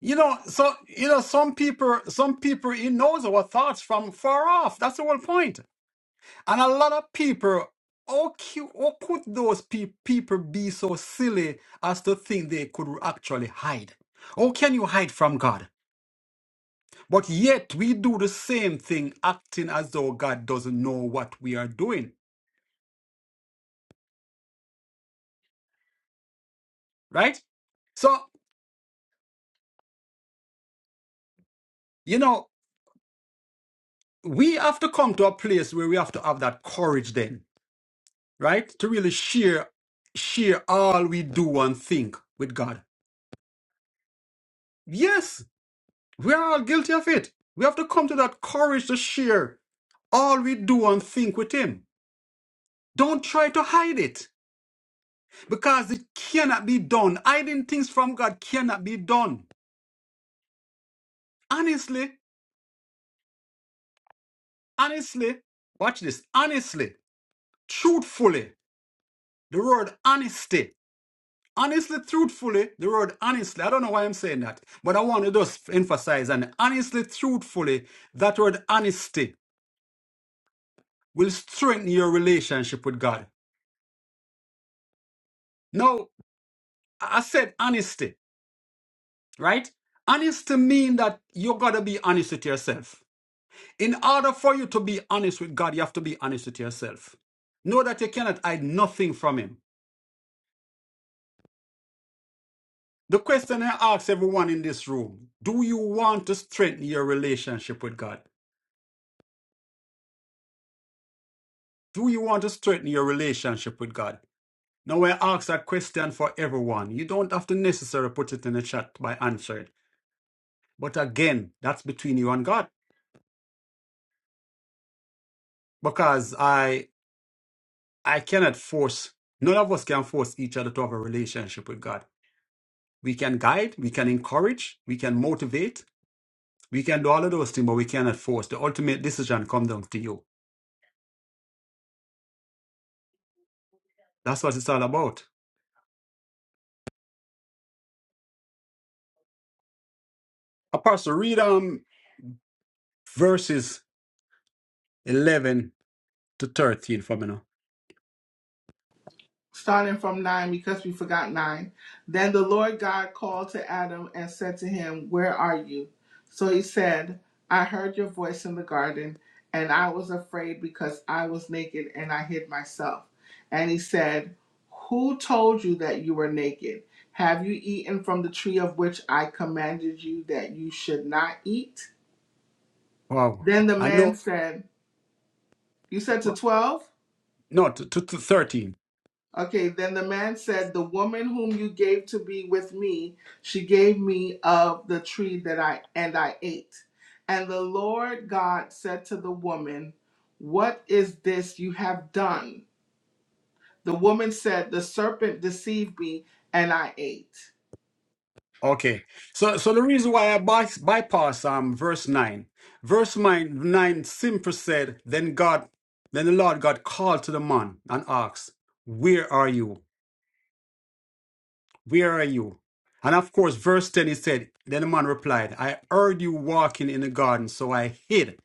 You know, so you know, some people, some people, he knows our thoughts from far off. That's the whole point. And a lot of people, how, cu- how could those pe- people be so silly as to think they could actually hide? How can you hide from God? But yet we do the same thing, acting as though God doesn't know what we are doing, right? So, you know, we have to come to a place where we have to have that courage then, right? To really share share all we do and think with God. Yes, We are all guilty of it. We have to come to that courage to share all we do and think with Him. Don't try to hide it because it cannot be done. Hiding things from God cannot be done. Honestly, honestly, watch this. Honestly, truthfully, the word honesty. Honestly, truthfully, the word honestly. I don't know why I'm saying that, but I want to just emphasize and honestly, truthfully, that word honesty will strengthen your relationship with God. No. I said honesty, right? Honesty means that you gotta be honest with yourself. In order for you to be honest with God, you have to be honest with yourself. Know that you cannot hide nothing from Him. The question I ask everyone in this room do you want to strengthen your relationship with God? Do you want to strengthen your relationship with God? Now, I ask that question for everyone. You don't have to necessarily put it in the chat by answering. But again, that's between you and God. Because I I cannot force, none of us can force each other to have a relationship with God. We can guide, we can encourage, we can motivate, we can do all of those things, but we cannot force. The ultimate decision comes down to you. That's what it's all about. Apostle, read um, verses 11 to 13 for me now. starting from 9 because we forgot 9. Then the Lord God called to Adam and said to him, Where are you? So he said, I heard your voice in the garden, and I was afraid because I was naked and I hid myself. And he said, Who told you that you were naked? Have you eaten from the tree of which I commanded you that you should not eat? Wow. Then the I know man said, You said to 12? No, to, to, to 13. Okay, then the man said, The woman whom you gave to be with me, she gave me of the tree that I and I ate. And the Lord God said to the woman, What is this you have done? The woman said, The serpent deceived me, and I ate. Okay. So so the reason why I by, bypass um verse 9. Verse 9, 9 simply said, Then God, then the Lord God called to the man and asked, Where are you? Where are you? And of course, verse 10 he said, Then the man replied, I heard you walking in the garden, so I hid.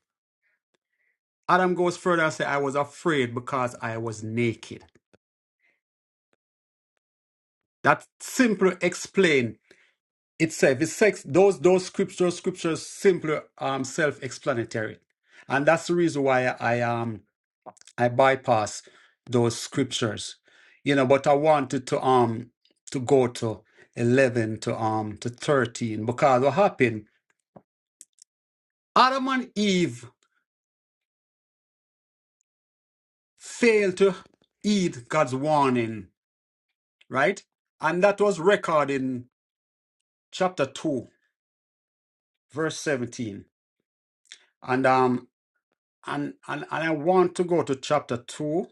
Adam goes further and said, I was afraid because I was naked. That simply explained itself. It's sex, those those scriptures, scriptures simply um self-explanatory. And that's the reason why I um I bypass those scriptures. You know, but I wanted to um to go to eleven to um to thirteen because what happened? Adam and Eve failed to heed God's warning, right? And that was recorded in chapter two, verse seventeen. And um and and, and I want to go to chapter two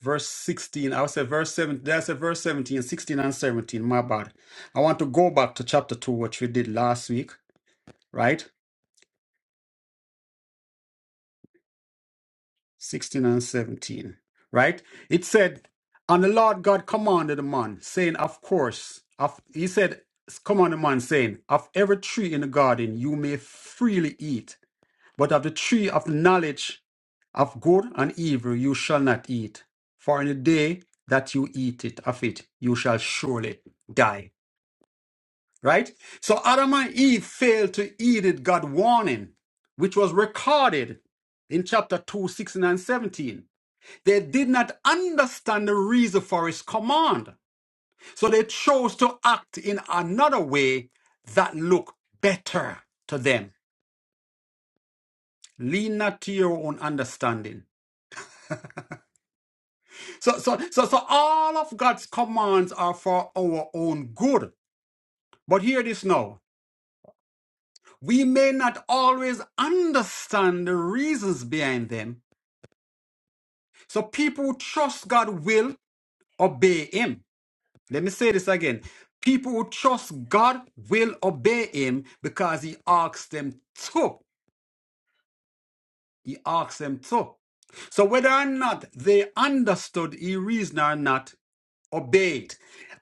verse 16. I said verse 17. Did I say verse 17, 16 and 17? My bad. I want to go back to chapter 2, which we did last week, right? 16 and 17, right? It said, And the Lord God commanded the man, saying, Of course, of, he said, Command the man, saying, Of every tree in the garden you may freely eat, but of the tree of knowledge of good and evil you shall not eat, for in the day that you eat it of it you shall surely die. right? So Adam and Eve failed to heed it God warning, which was recorded in chapter 2, 16 and 17. They did not understand the reason for his command. So they chose to act in another way that looked better to them. Lean not to your own understanding. So, so, so, so all of God's commands are for our own good. But hear this now. We may not always understand the reasons behind them, So people who trust God will obey him. Let me say this again. People who trust God will obey him because he asks them to. He asks them to. So whether or not they understood his reason or not, obeyed.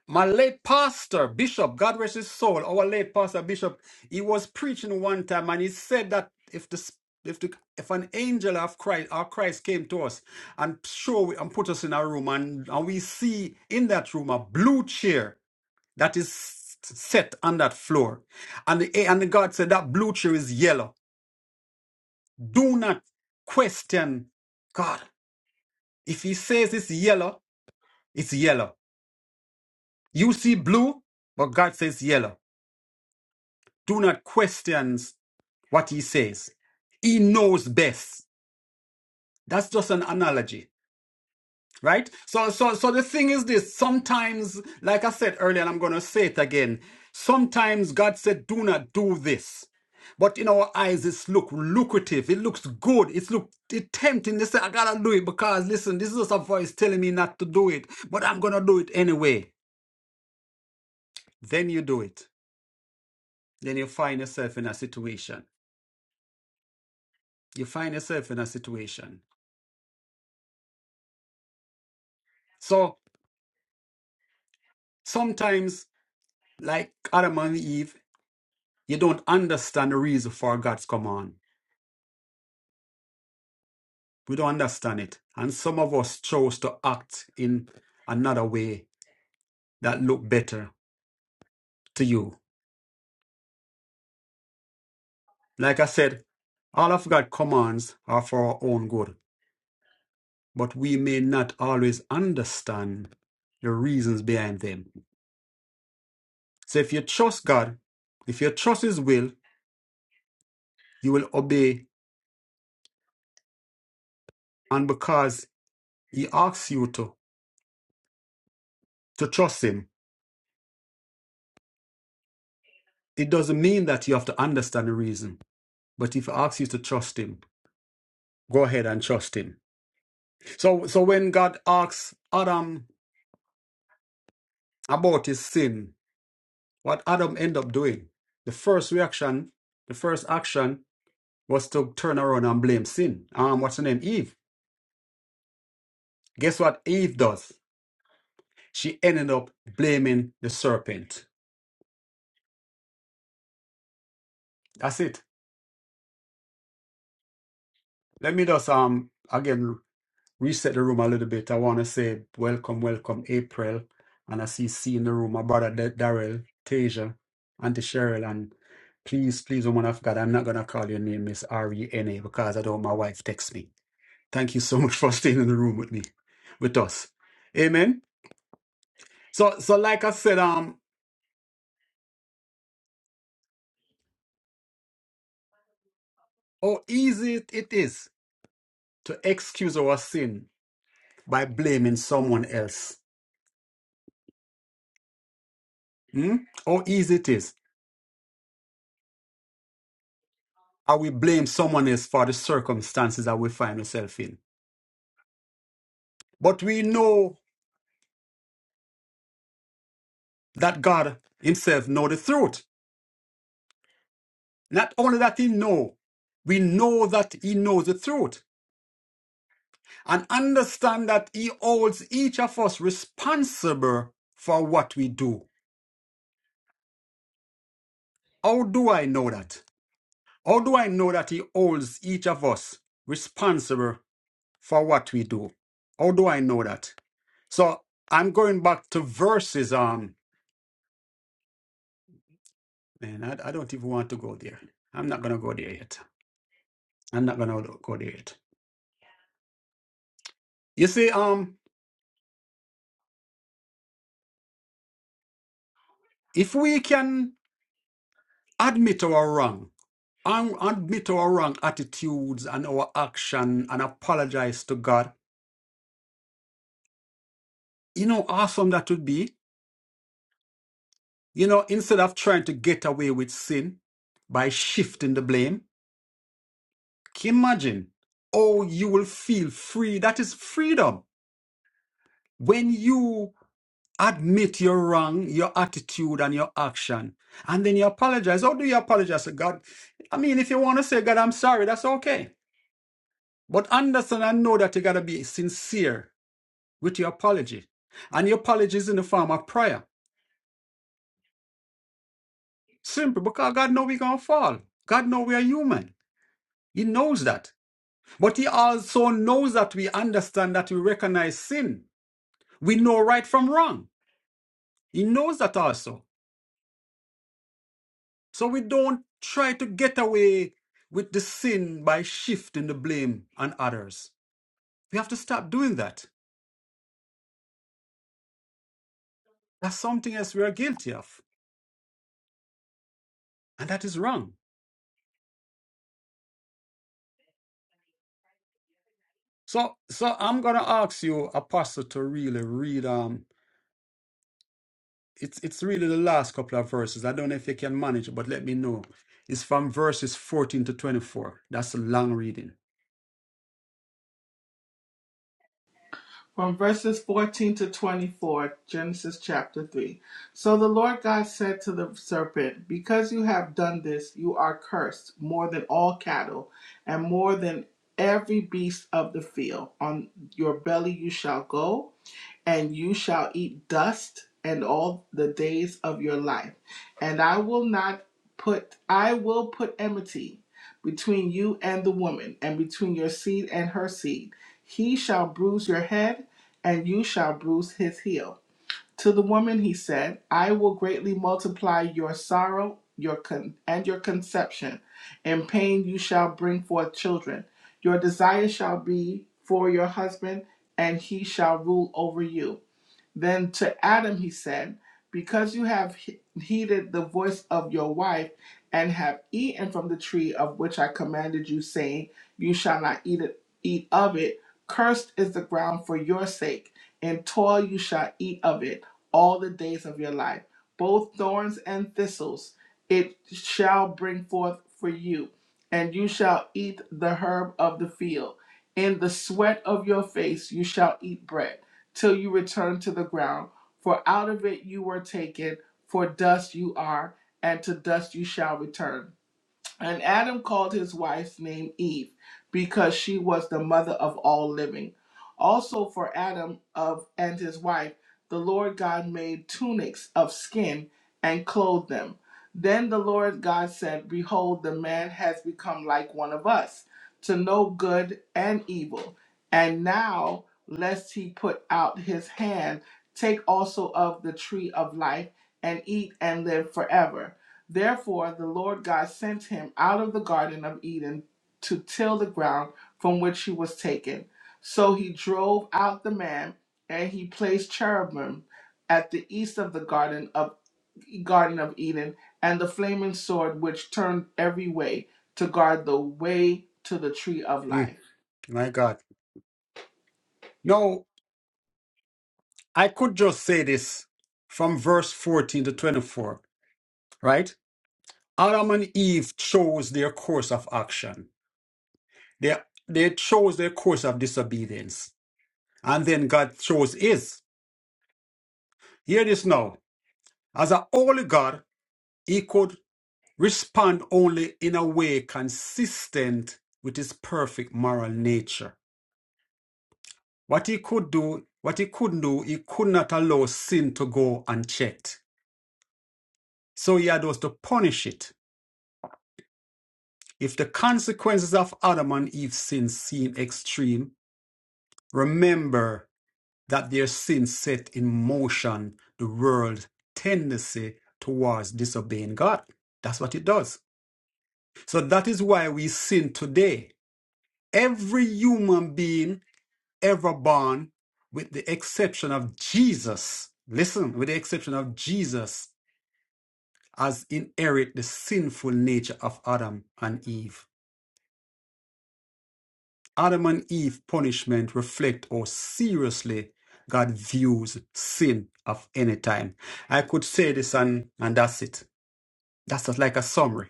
My late pastor, Bishop, God rest his soul, our late pastor, Bishop, he was preaching one time and he said that if the if the, if an angel of Christ or Christ came to us and show and put us in a room and, and we see in that room a blue chair that is set on that floor and the, and the God said that blue chair is yellow do not question God if he says it's yellow it's yellow you see blue but God says yellow Do not question what he says. He knows best. That's just an analogy, right? So, so, so the thing is this: sometimes, like I said earlier, and I'm going to say it again. Sometimes God said, "Do not do this," but in our eyes, it's look lucrative. It looks good. It's look it tempting. They say, "I gotta do it because listen, this is just a voice telling me not to do it, but I'm gonna do it anyway." Then you do it. Then you find yourself in a situation. You find yourself in a situation. So Sometimes, like Adam and Eve, you don't understand the reason for God's command. We don't understand it. And some of us chose to act in another way that looked better to you. Like I said, all of God's commands are for our own good, but we may not always understand the reasons behind them. So if you trust God, if you trust His will, you will obey. And because He asks you to, to trust Him, It doesn't mean that you have to understand the reason, but if he asks you to trust him, go ahead and trust him. So, so when God asks Adam about his sin, what Adam end up doing? The first reaction, the first action was to turn around and blame sin. Um, what's her name? Eve. Guess what Eve does? She ended up blaming the serpent. That's it. Let me just um again reset the room a little bit. I want to say welcome, welcome, April. And I see C in the room, my brother Da- Darrell, Tasia, Auntie Cheryl. And please, please, woman of God, I'm not going to call your name Miss R-E-N-A because I don't want my wife texts me. Thank you so much for staying in the room with me, with us. Amen. So, so like I said, um, how easy it it is to excuse our sin by blaming someone else. Hmm? How easy it is. and we blame someone else for the circumstances that we find ourselves in. But we know that God Himself know the truth. Not only that He know, we know that He knows the truth and understand that He holds each of us responsible for what we do. How do I know that? How do I know that He holds each of us responsible for what we do? How do I know that? So I'm going back to verses. Um. Man, I, I don't even want to go there. I'm not gonna go there yet. I'm not gonna go there yet. You see, um, if we can admit our wrong, and admit our wrong attitudes and our action and apologize to God, you know awesome that would be. You know, instead of trying to get away with sin by shifting the blame, can you imagine? Oh, you will feel free. That is freedom. When you Admit you're wrong, your attitude and your action. And then you apologize. How do you apologize to God? I mean, if you want to say, God, I'm sorry, that's okay. But understand and know that you got to be sincere with your apology. And your apology is in the form of prayer. Simple, because God know we're going to fall. God know we are human. He knows that. But he also knows that we understand that we recognize sin. We know right from wrong. He knows that also. So we don't try to get away with the sin by shifting the blame on others. We have to stop doing that. That's something else we are guilty of, and that is wrong. So, so I'm gonna ask you, Apostle, to really read. Um, it's it's really the last couple of verses. I don't know if you can manage, it, but let me know. It's from verses 14 to 24. That's a long reading. from verses 14 to 24, Genesis chapter 3. So the Lord God said to the serpent, Because you have done this, you are cursed more than all cattle and more than every beast of the field. On your belly you shall go, and you shall eat dust and all the days of your life. And I will not put I will put enmity between you and the woman and between your seed and her seed. He shall bruise your head, and you shall bruise his heel. To the woman he said, I will greatly multiply your sorrow your con- and your conception. In pain you shall bring forth children. Your desire shall be for your husband, and he shall rule over you. Then to Adam he said, Because you have he- heeded the voice of your wife and have eaten from the tree of which I commanded you, saying, You shall not eat, it, eat of it, cursed is the ground for your sake. In toil you shall eat of it all the days of your life, both thorns and thistles it shall bring forth for you, and you shall eat the herb of the field. In the sweat of your face you shall eat bread till you return to the ground. For out of it you were taken, for dust you are, and to dust you shall return. And Adam called his wife's name Eve, because she was the mother of all living. Also for Adam of and his wife, the Lord God made tunics of skin and clothed them. Then the Lord God said, Behold, the man has become like one of us, to know good and evil. And now, lest he put out his hand, take also of the tree of life and eat and live forever. Therefore the Lord God sent him out of the Garden of Eden to till the ground from which he was taken. So he drove out the man, and he placed cherubim at the east of the garden of Garden of Eden, and the flaming sword which turned every way to guard the way to the tree of Mm, life. my God. No, I could just say this from verse 14 to 24, right? Adam and Eve chose their course of action. They, they chose their course of disobedience. And then God chose his. Hear this now. As a holy God, he could respond only in a way consistent with his perfect moral nature. What he could do, what he couldn't do, he could not allow sin to go unchecked. So he had us to punish it. If the consequences of Adam and Eve's sin seem extreme, remember that their sin set in motion the world's tendency towards disobeying God. That's what it does. So that is why we sin today. Every human being ever born, with the exception of Jesus, listen, with the exception of Jesus, has inherited the sinful nature of Adam and Eve. Adam and Eve punishment reflect how seriously God views sin of any time. I could say this and, and that's it. That's just like a summary.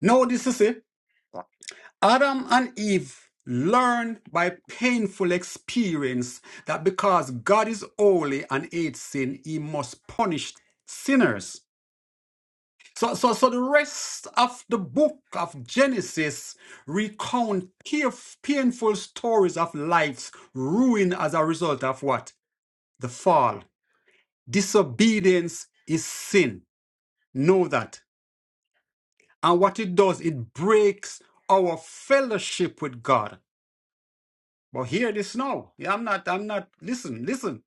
Now this is it. Adam and Eve learn by painful experience that because God is holy and hates sin, he must punish sinners. So, so, so the rest of the book of Genesis recount painf- painful stories of life's ruin as a result of what? The fall. Disobedience is sin. Know that. And what it does, it breaks our fellowship with God. But hear this now. Yeah, I'm not, I'm not, listen, listen.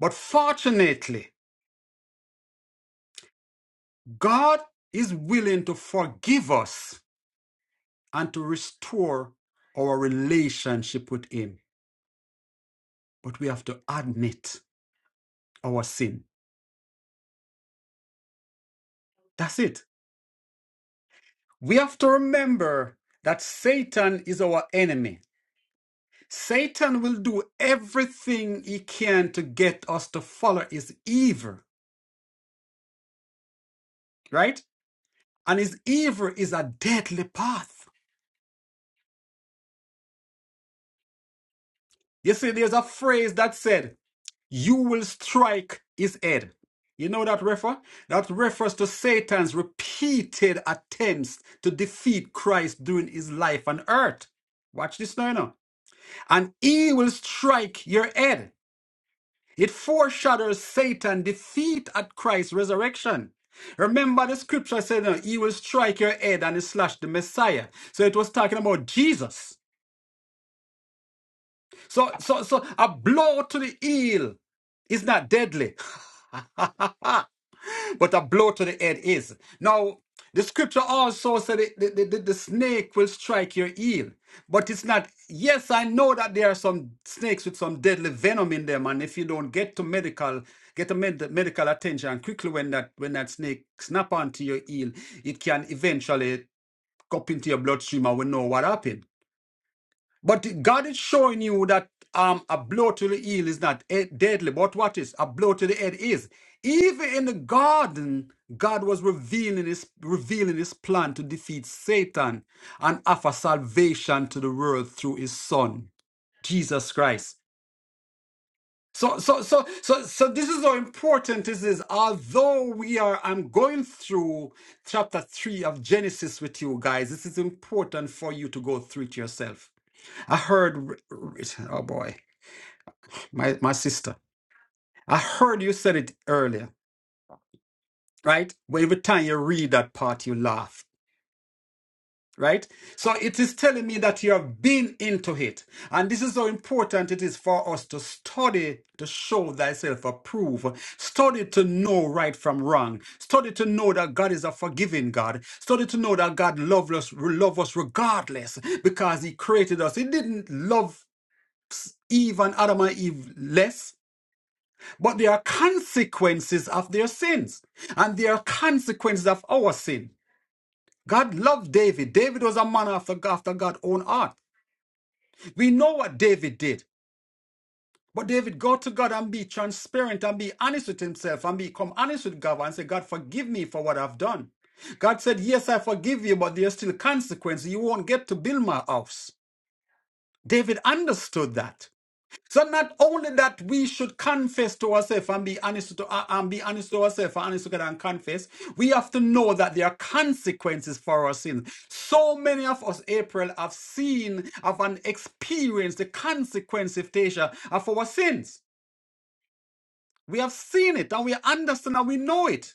But fortunately, God is willing to forgive us and to restore our relationship with Him. but we have to admit our sin. That's it. We have to remember that Satan is our enemy. Satan will do everything he can to get us to follow his evil, right? And his evil is a deadly path. You see, there's a phrase that said, You will strike his head. You know that refer? That refers to Satan's repeated attempts to defeat Christ during his life on earth. Watch this now. you know. and he will strike your head. It foreshadows Satan's defeat at Christ's resurrection. Remember the scripture said, uh, he will strike your head and he slashed the Messiah. So it was talking about Jesus. So, so, so a blow to the heel is not deadly. but a blow to the head is. Now, the scripture also said it- the, the, the, the snake will strike your heel, but it's not. Yes, I know that there are some snakes with some deadly venom in them, and if you don't get to medical, get a med- medical attention quickly when that when that snake snap onto your heel, it can eventually go up into your bloodstream, and we know what happened. But God is showing you that um, a blow to the heel is not eh, deadly. But what is a blow to the head is. Even in the garden, God was revealing His revealing His plan to defeat Satan and offer salvation to the world through His Son, Jesus Christ. So, so, so, so, so this is how important this is. Although we are, I'm going through chapter three of Genesis with you guys. This is important for you to go through it yourself I heard, oh boy, my, my sister, I heard you said it earlier, right? Where every time you read that part, you laugh, right? So it is telling me that you have been into it. And this is how important it is for us to study to show thyself approved, study to know right from wrong, study to know that God is a forgiving God, study to know that God loves us, love us regardless because He created us. He didn't love Eve and Adam and Eve less. But there are consequences of their sins, and there are consequences of our sin. God loved David. David was a man after, after God's own heart. We know what David did. But David, go to God and be transparent and be honest with himself and become honest with God and say, God, forgive me for what I've done. God said, Yes, I forgive you, but there's still consequences. You won't get to build my house. David understood that. So not only that we should confess to ourselves and be honest to uh, and be honest to ourselves and honest to God and confess, we have to know that there are consequences for our sins. So many of us, April, have seen, have an experienced the consequence of Tasha of our sins. We have seen it and we understand and we know it.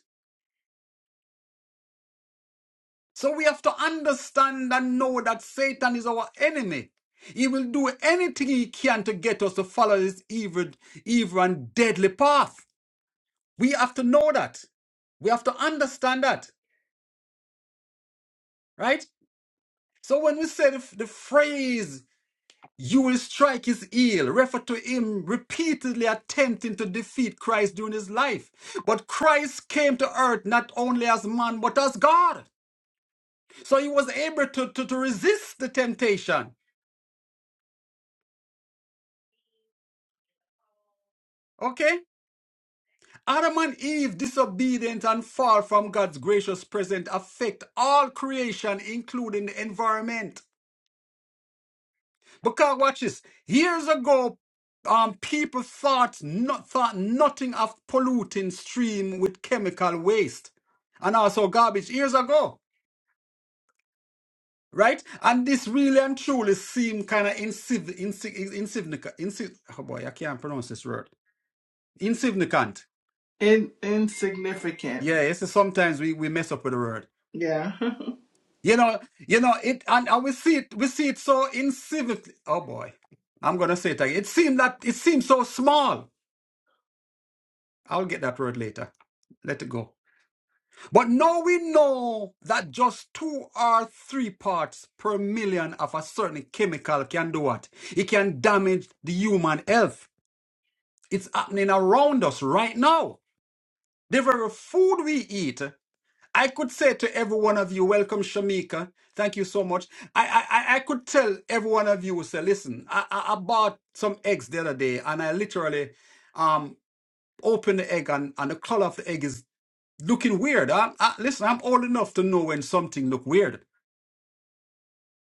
So we have to understand and know that Satan is our enemy. He will do anything he can to get us to follow this evil, evil and deadly path. We have to know that. We have to understand that, right? So when we say the, f- the phrase, you will strike his heel, refer to him repeatedly attempting to defeat Christ during his life. But Christ came to earth not only as man, but as God. So he was able to, to, to resist the temptation. Okay? Adam and Eve, disobedient and far from God's gracious present, affect all creation, including the environment. Because watch this. Years ago, um, people thought not thought nothing of polluting stream with chemical waste and also garbage years ago, right? And this really and truly seem kind of insignificant. Insignificant. Insi- oh boy, I can't pronounce this word. Insignificant. In insignificant. Yeah, it's sometimes we, we mess up with the word. Yeah. You know, you know it, and, and we see it. We see it so insignificant. Oh boy, I'm gonna say it again. It seemed that it seemed so small I'll get that word later. Let it go. But now we know that just two or three parts per million of a certain chemical can do what? It can damage the human health. It's happening around us right now. The very food we eat. I could say to every one of you, welcome Shamika. Thank you so much. I I, I I could tell every one of you, say, listen, I, I, I bought some eggs the other day and I literally um opened the egg and, and the color of the egg is looking weird. Huh? Uh, listen, I'm old enough to know when something look weird,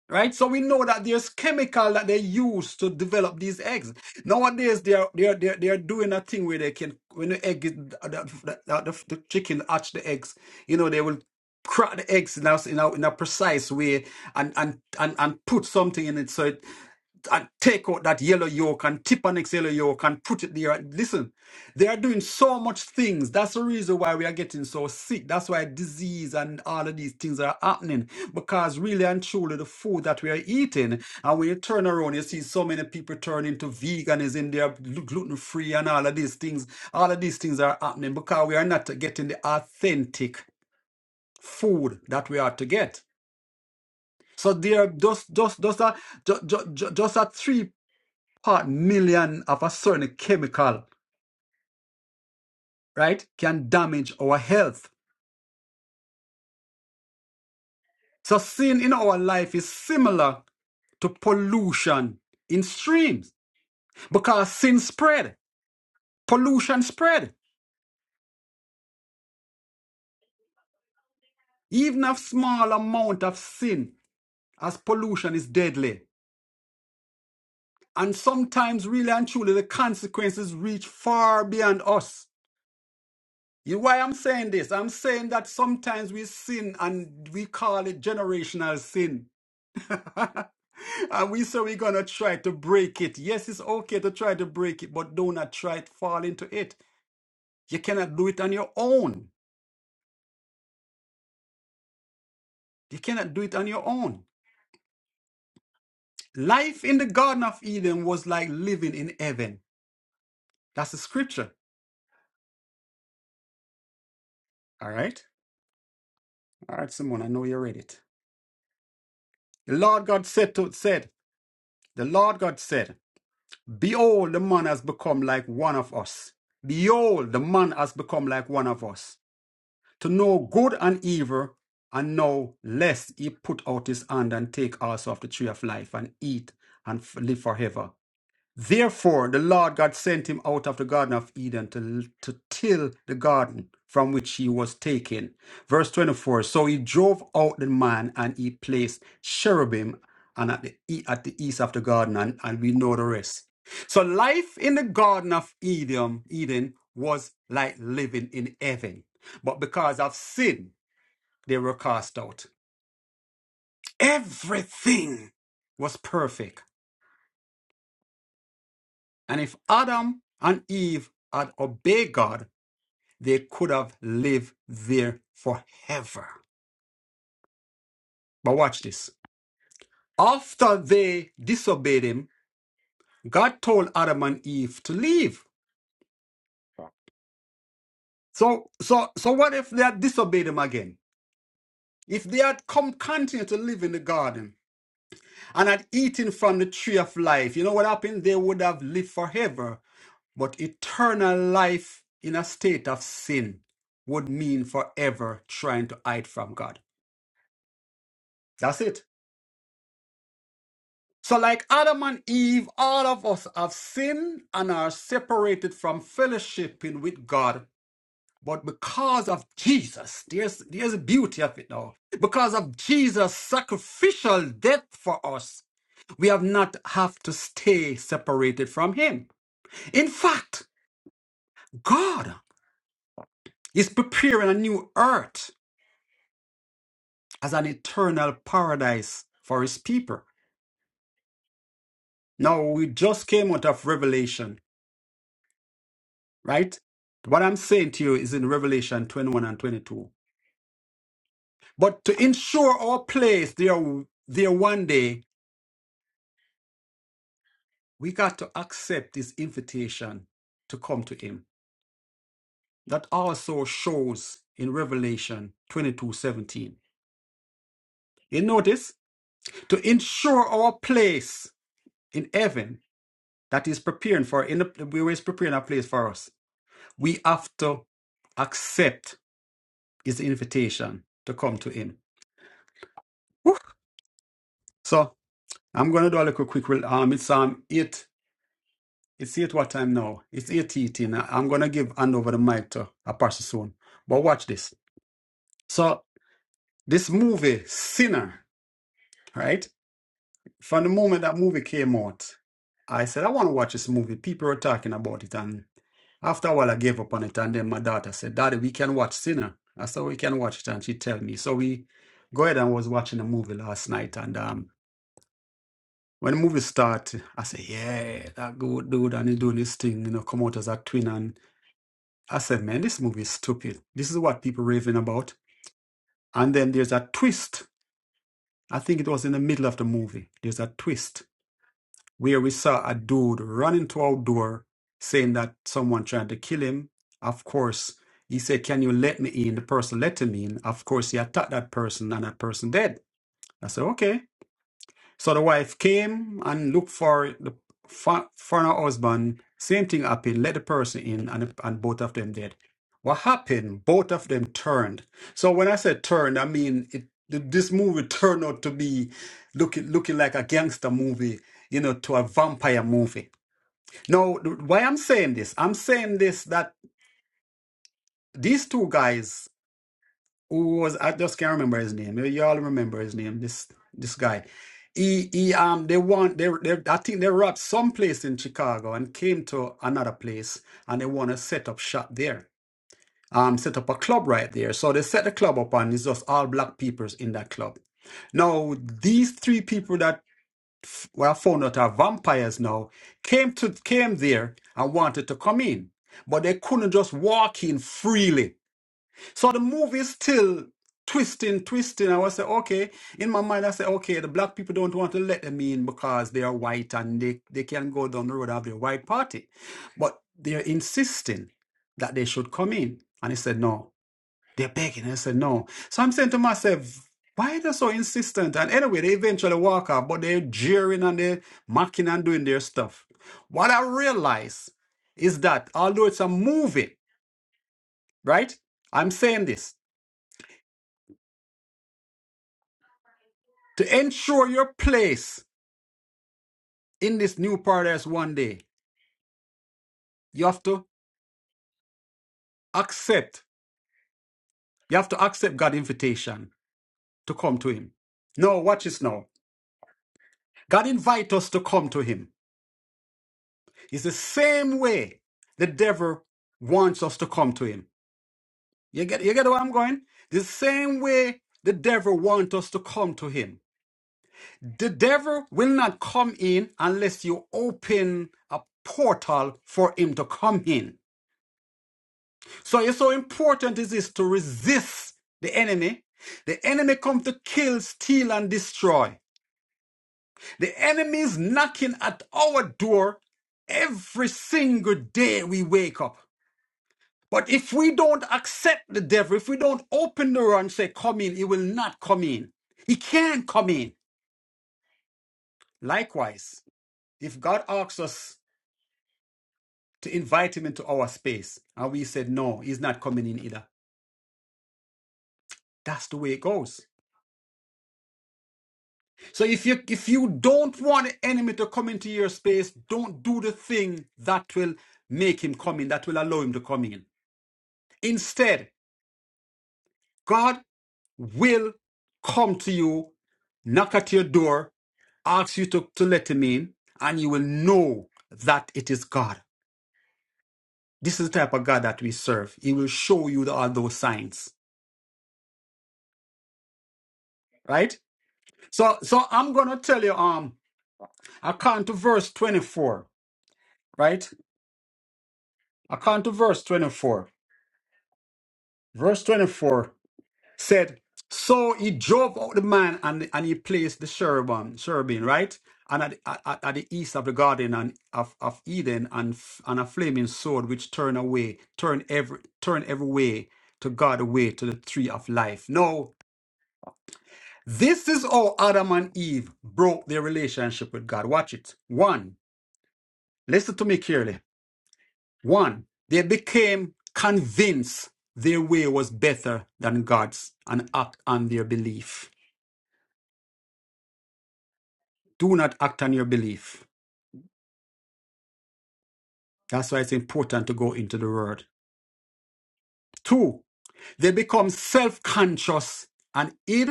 right? So we know that there's chemical that they use to develop these eggs. Nowadays, they are they are they are, they are doing a thing where they can when the egg is- the, the, the, the chicken hatch the eggs, you know, they will crack the eggs in a, in a, in a precise way and, and and and put something in it so it and take out that yellow yolk and tip an next yellow yolk and put it there. Listen, they are doing so much things. That's the reason why we are getting so sick. That's why disease and all of these things are happening because really and truly the food that we are eating, and when you turn around, you see so many people turn into veganism, they are gluten free and all of these things. All of these things are happening because we are not getting the authentic food that we are to get. So there are just just just a just, just, just a three part million of a certain chemical, right, can damage our health. So sin in our life is similar to pollution in streams because sin spread, pollution spread. Even a small amount of sin as pollution is deadly. And sometimes really and truly the consequences reach far beyond us. You know why I'm saying this? I'm saying that sometimes we sin and we call it generational sin. And we say we're gonna try to break it. Yes, it's okay to try to break it, but do not try to fall into it. You cannot do it on your own. You cannot do it on your own. Life in the Garden of Eden was like living in heaven. That's the scripture. All right. All right, Simone, I know you read it. The Lord God said to said, the Lord God said, Behold, the man has become like one of us. Behold, the man has become like one of us. to know good and evil, and know lest he put out his hand and take also of the tree of life and eat and f- live forever. Therefore, the Lord God sent him out of the Garden of Eden to, to till the garden from which he was taken. Verse 24 So he drove out the man and he placed cherubim and at the, e- at the east of the garden, and, and we know the rest. So life in the Garden of Eden, Eden was like living in heaven. But because of sin, they were cast out. Everything was perfect. And if Adam and Eve had obeyed God, they could have lived there forever. But watch this. After they disobeyed him, God told Adam and Eve to leave. So, so, so what if they had disobeyed him again? If they had come continue to live in the garden and had eaten from the tree of life, you know what happened? They would have lived forever. But eternal life in a state of sin would mean forever trying to hide from God. That's it. So, like Adam and Eve, all of us have sinned and are separated from fellowshipping with God. But because of Jesus, there's, there's the beauty of it now. Because of Jesus' sacrificial death for us, we have not have to stay separated from Him. In fact, God is preparing a new earth as an eternal paradise for His people. Now, we just came out of Revelation right? What I'm saying to you is in Revelation 21 and 22. But to ensure our place there, there one day, we got to accept this invitation to come to Him. That also shows in Revelation 22:17. You notice? To ensure our place in heaven that is preparing for, in the, we is preparing a place for us, we have to accept His invitation to come to Him. Whew. So I'm gonna do a little quick. rel- Um, it's um eight. It's eight. What time now? It's eight eighteen. I'm gonna give hand over the mic to a person soon. But watch this. So this movie Sinner, right? From the moment that movie came out, I said I want to watch this movie. People were talking about it, and after a while, I gave up on it. And then my daughter said, "Daddy, we can watch Sinner." I said, "We can watch it," and she tell me. So we go ahead and was watching the movie last night, and um, When the movie start, I say, yeah, that good dude and he doing this thing, you know, come out as a twin. And I said, man, this movie is stupid. This is what people raving about. And then there's a twist. I think it was in the middle of the movie. There's a twist where we saw a dude run into our door saying that someone tried to kill him. Of course, he said, can you let me in? The person let him in. Of course, he attacked that person and that person dead. I said, okay. So the wife came and looked for the for for her husband. Same thing happened. Let the person in, and and both of them did. What happened? Both of them turned. So when I said turned, I mean it. th- This movie turned out to be looking looking like a gangster movie, you know, to a vampire movie. Now, th- why I'm saying this? I'm saying this that these two guys who was I just can't remember his name. Maybe y'all remember his name. This this guy. He he um they want they, they I think they robbed some place in Chicago and came to another place and they want to set up shop there. Um set up a club right there. So they set the club up and it's just all black peoples in that club. Now these three people that f- were found out are vampires now came to came there and wanted to come in. But they couldn't just walk in freely so the movie still twisting, twisting. I was say, okay. In my mind, I say, okay, the black people don't want to let them in because they are white and they, they can go down the road of their white party. But they're insisting that they should come in. And he said, no. They're begging. And I said, no. So I'm saying to myself, why are they so insistent? And anyway, they eventually walk out, but they're jeering and they're mocking and doing their stuff. What I realize is that although it's a movie, right? I'm saying this. To ensure your place in this new paradise one day, you have to accept. You have to accept God's invitation to come to Him. No, watch this now. God invites us to come to Him. It's the same way the devil wants us to come to Him. You get, you get where I'm going? The same way the devil wants us to come to Him. The devil will not come in unless you open a portal for him to come in. So it's so important it is to resist the enemy. The enemy comes to kill, steal, and destroy. The enemy is knocking at our door every single day we wake up. But if we don't accept the devil, if we don't open the door and say, Come in, he will not come in. He can't come in. Likewise, if God asks us to invite him into our space and we said, No, he's not coming in either, that's the way it goes. So if you if you don't want an enemy to come into your space, don't do the thing that will make him come in, that will allow him to come in. Instead, God will come to you, knock at your door, ask you to, to let him in, and you will know that it is God. This is the type of God that we serve. He will show you the, all those signs. Right? So so I'm gonna tell you um I come to verse 24, right? I come to verse 24. Verse 24 said, So he drove out the man and, and he placed the cherubim, cherubim right? And at, at, at the east of the garden and of, of Eden and, f- and a flaming sword which turned away, turn every turn every way to God away to the tree of life. Now, this is how Adam and Eve broke their relationship with God. Watch it. One, listen to me carefully. One, they became convinced their way was better than God's and act on their belief. Do not act on your belief. That's why it's important to go into the word. Two, they become self conscious and id.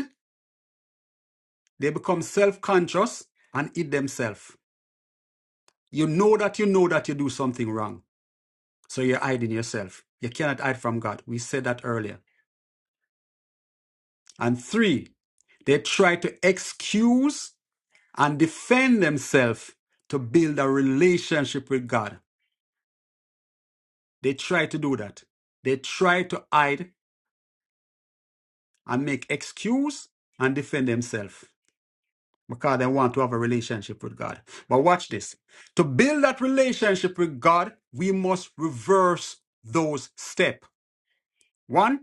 They become self conscious and id themselves. You know that you know that you do something wrong. So you're hiding yourself. You cannot hide from God. We said that earlier. And three, they try to excuse and defend themselves to build a relationship with God. They try to do that. They try to hide and make excuse and defend themselves because they want to have a relationship with God. But watch this. To build that relationship with God, we must reverse those steps. One,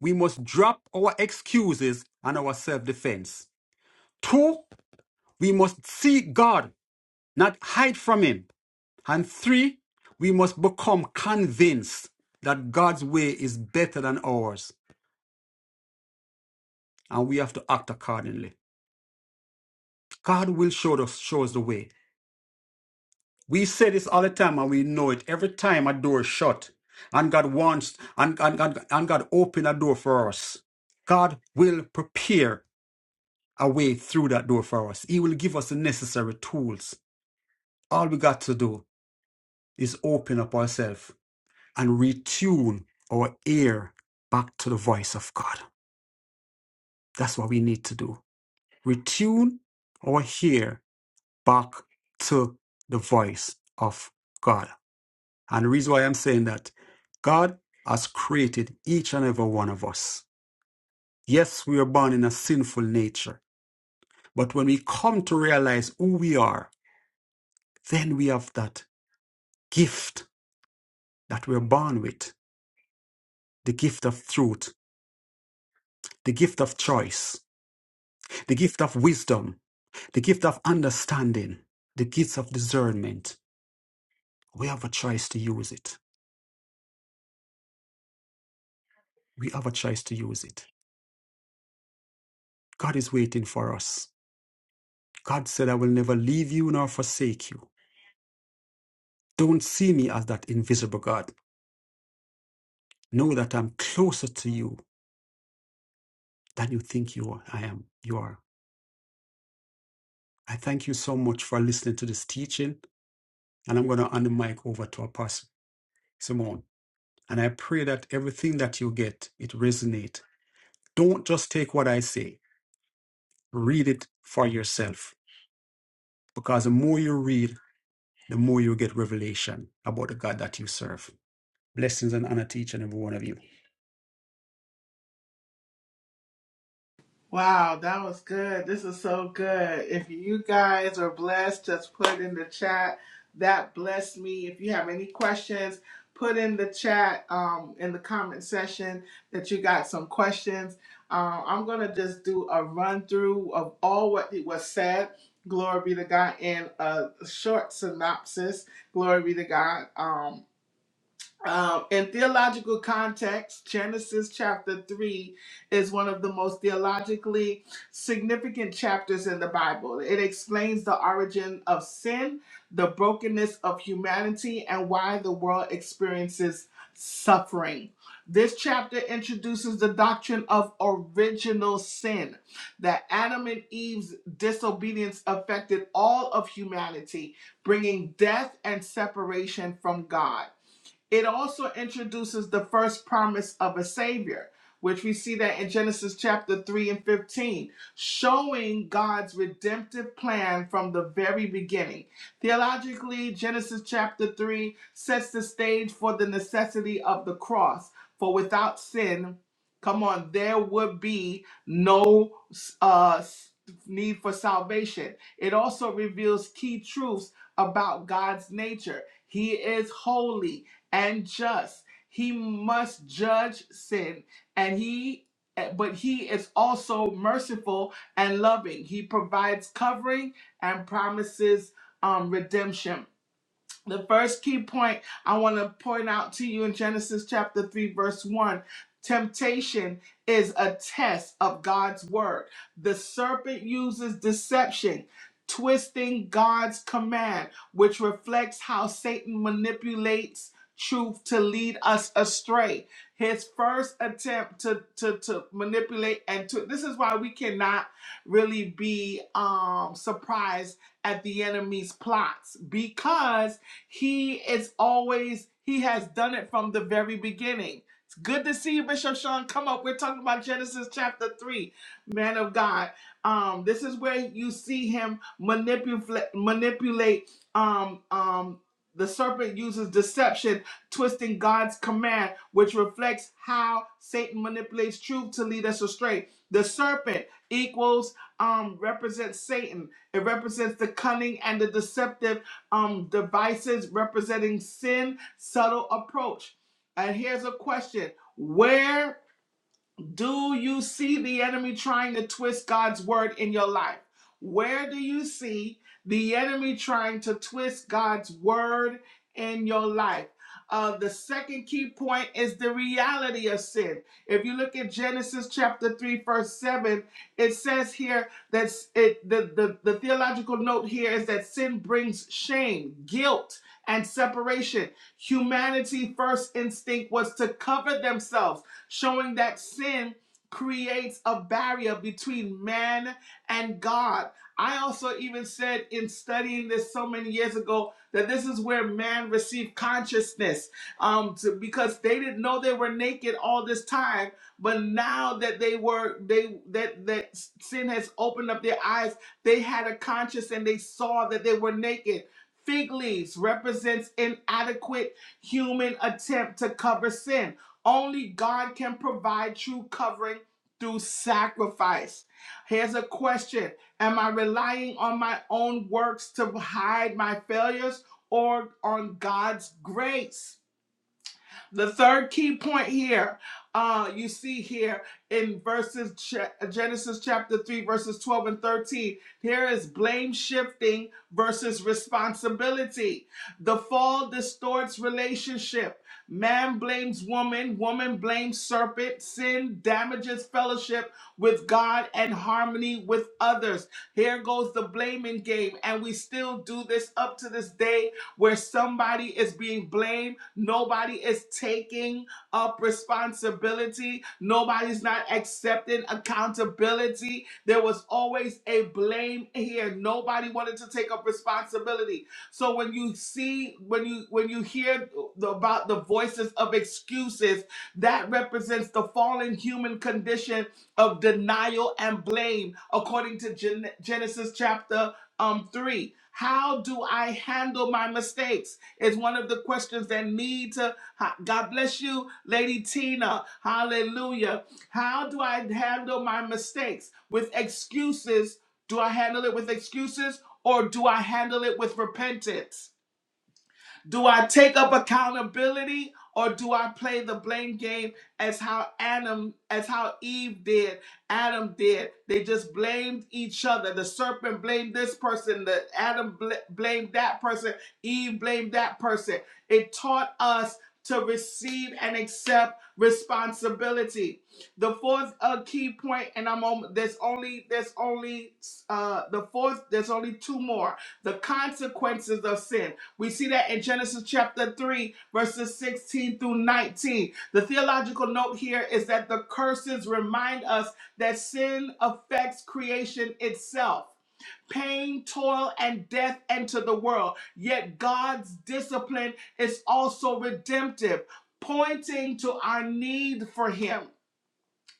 we must drop our excuses and our self defense. Two, we must seek God, not hide from Him. And three, we must become convinced that God's way is better than ours, and we have to act accordingly. God will show us, show us the way. We say this all the time, and we know it. Every time a door is shut, and God wants, and, and, and, and God open a door for us, God will prepare a way through that door for us. He will give us the necessary tools. All we got to do is open up ourselves and retune our ear back to the voice of God. That's what we need to do. Retune our ear back to the voice of God. And the reason why I'm saying that, God has created each and every one of us. Yes, we are born in a sinful nature, but when we come to realize who we are, then we have that gift that we're born with the gift of truth, the gift of choice, the gift of wisdom, the gift of understanding, the gift of discernment We have a choice to use it. We have a choice to use it. God is waiting for us. God said, I will never leave you nor forsake you. Don't see me as that invisible God. Know that I'm closer to you than you think you are. I am. You are. I thank you so much for listening to this teaching. And I'm going to hand the mic over to Apostle Simone. And I pray that everything that you get, it resonate. Don't just take what I say. Read it for yourself. Because the more you read, the more you get revelation about the God that you serve. Blessings and honor to each and every one of you. Wow, that was good. This is so good. If you guys are blessed, just put in the chat. That blessed me. If you have any questions, put in the chat um, in the comment section that you got some questions. Uh, I'm going to just do a run through of all what it was said. Glory be to God in a short synopsis. Glory be to God. Um. Um, in theological context, Genesis chapter 3 is one of the most theologically significant chapters in the Bible. It explains the origin of sin, the brokenness of humanity, and why the world experiences suffering. This chapter introduces the doctrine of original sin, that Adam and Eve's disobedience affected all of humanity, bringing death and separation from God. It also introduces the first promise of a savior, which we see that in Genesis chapter 3 and 15, showing God's redemptive plan from the very beginning. Theologically, Genesis chapter 3 sets the stage for the necessity of the cross, for without sin, come on, there would be no uh, s- need for salvation. It also reveals key truths about God's nature. He is holy and just. He must judge sin, and he eh, but he is also merciful and loving. He provides covering and promises um, redemption. The first key point I want to point out to you in Genesis chapter 3, verse 1 temptation is a test of God's word. The serpent uses deception, twisting God's command, which reflects how Satan manipulates truth to lead us astray. His first attempt to, to, to manipulate and to this is why we cannot really be um surprised at the enemy's plots because he is always, he has done it from the very beginning. It's good to see you, Bishop Sean. Come up. We're talking about Genesis chapter 3, man of God. Um, this is where you see him manipulate manipulate um um the serpent uses deception, twisting God's command, which reflects how Satan manipulates truth to lead us astray. The serpent equals um represents Satan. It represents the cunning and the deceptive um, devices representing sin, subtle approach. And here's a question Where do you see the enemy trying to twist God's word in your life? Where do you see the enemy trying to twist God's word in your life? Uh, the second key point is the reality of sin. If you look at Genesis chapter 3, verse 7, it says here that it, the, the, the theological note here is that sin brings shame, guilt, and separation. Humanity' first instinct was to cover themselves showing that sin creates a barrier between man and God. I also even said in studying this so many years ago that this is where man received consciousness um, to, because they didn't know they were naked all this time, but now that they were they that that sin has opened up their eyes, they had a conscience and they saw that they were naked. Fig leaves represents inadequate human attempt to cover sin only God can provide true covering through sacrifice. Here's a question Am I relying on my own works to hide my failures or on God's grace? The third key point here, uh, you see here in verses Genesis chapter 3, verses 12 and 13, here is blame shifting versus responsibility. The fall distorts relationship. Man blames woman, woman blames serpent. Sin damages fellowship with God and harmony with others. Here goes the blaming game, and we still do this up to this day where somebody is being blamed, nobody is taking up responsibility, nobody's not accepting accountability. There was always a blame here. Nobody wanted to take up responsibility. So when you see when you when you hear the, about the voices of excuses that represents the fallen human condition of denial and blame, according to Gen- Genesis chapter um, 3. How do I handle my mistakes? Is one of the questions that need to. ha- God bless you, Lady Tina. Hallelujah. How do I handle my mistakes? With excuses. Do I handle it with excuses or do I handle it with repentance? Do I take up accountability or do I play the blame game as how Adam, as how Eve did, Adam did? They just blamed each other. The serpent blamed this person, the Adam bl- blamed that person, Eve blamed that person. It taught us to receive and accept responsibility. The fourth uh, key point, and I'm on. There's only there's only uh, the fourth. There's only two more. The consequences of sin. We see that in Genesis chapter 3, verses 16 through 19. The theological note here is that the curses remind us that sin affects creation itself. Pain, toil, and death enter the world. Yet God's discipline is also redemptive, pointing to our need for Him.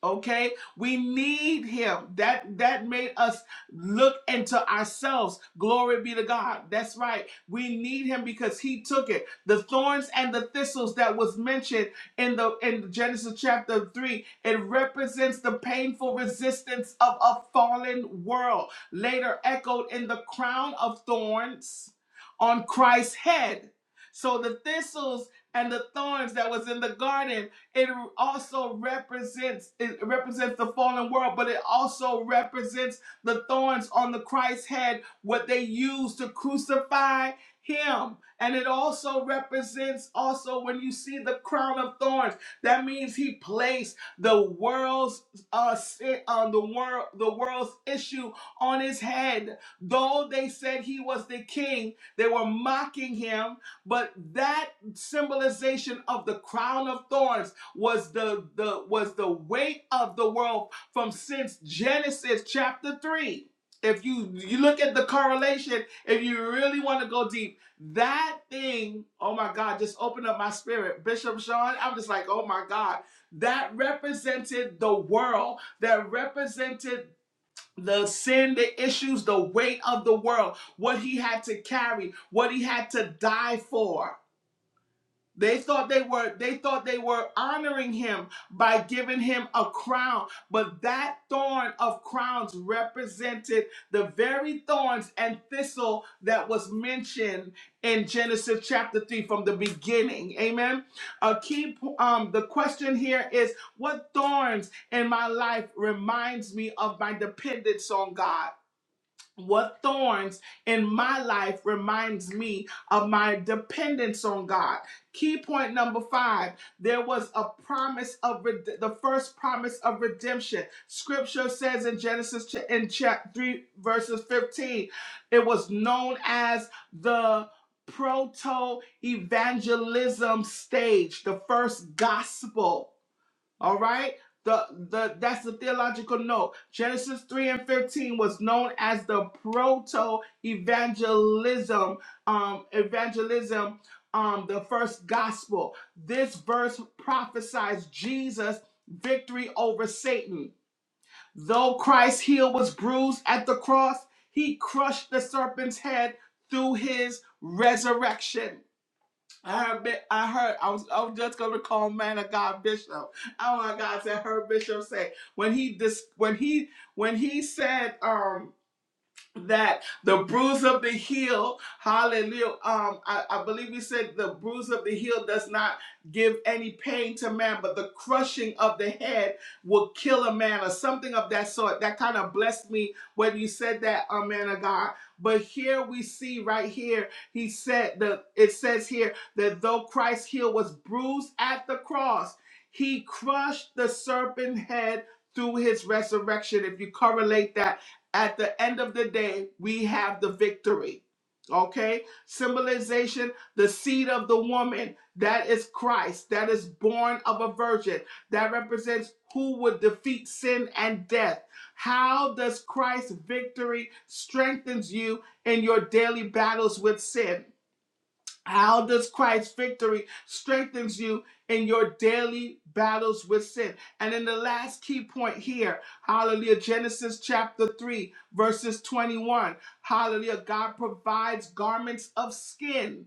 Okay? We need him. That that made us look into ourselves. Glory be to God. That's right. We need him because he took it. The thorns and the thistles that was mentioned in the in Genesis chapter 3, it represents the painful resistance of a fallen world, later echoed in the crown of thorns on Christ's head. So the thistles and the thorns that was in the garden it also represents it represents the fallen world, but it also represents the thorns on the Christ's head, what they used to crucify him. And it also represents also when you see the crown of thorns, that means he placed the world's uh sin on the world the world's issue on his head. Though they said he was the king, they were mocking him, but that symbolization of the crown of thorns was the, the was the weight of the world from since Genesis chapter 3. If you you look at the correlation, if you really want to go deep, that thing, oh my God, just opened up my spirit. Bishop Sean, I'm just like, oh my God, that represented the world, that represented the sin, the issues, the weight of the world, what he had to carry, what he had to die for they thought they were they thought they were honoring him by giving him a crown, but that thorn of crowns represented the very thorns and thistle that was mentioned in Genesis chapter 3 from the beginning. Amen. A key um the question here is what thorns in my life reminds me of my dependence on God? what thorns in my life reminds me of my dependence on God. Key point number five there was a promise of red- the first promise of redemption. Scripture says in Genesis ch- in chapter 3, verses 15, it was known as the proto evangelism stage, the first gospel. All right. The, the that's the theological note. Genesis 3 and 15 was known as the proto evangelism, um, evangelism, um, the first gospel. This verse prophesies Jesus' victory over Satan. Though Christ's heel was bruised at the cross, he crushed the serpent's head through his resurrection. I heard, I heard, I was, I was just gonna call man of God Bishop. Oh my God, I heard Bishop say when he dis, when he, when he said, um, that the bruise of the heel, hallelujah. Um, I, I believe we said the bruise of the heel does not give any pain to man, but the crushing of the head will kill a man or something of that sort. That kind of blessed me when you said that, uh, man of God. But here we see right here, he said that it says here that though Christ's heel was bruised at the cross, he crushed the serpent head through his resurrection. If you correlate that at the end of the day, we have the victory. Okay? Symbolization, the seed of the woman, that is Christ, that is born of a virgin, that represents who would defeat sin and death. How does Christ's victory strengthens you in your daily battles with sin? How does Christ's victory strengthens you in your daily battles with sin? And in the last key point here, hallelujah, Genesis chapter 3, verses 21. Hallelujah, God provides garments of skin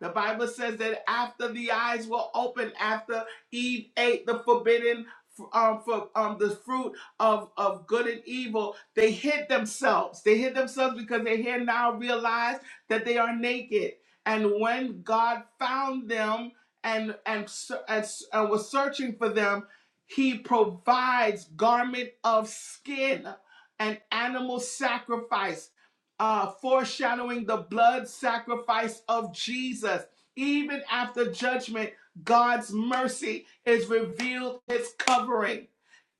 the Bible says that after the eyes were opened, after Eve ate the forbidden um, for um, the fruit of, of good and evil, they hid themselves. They hid themselves because they here now realize that they are naked. And when God found them and and, ser- and, s- and was searching for them, He provides garment of skin, an animal sacrifice uh, foreshadowing the blood sacrifice of Jesus. Even after judgment, God's mercy is revealed, his covering.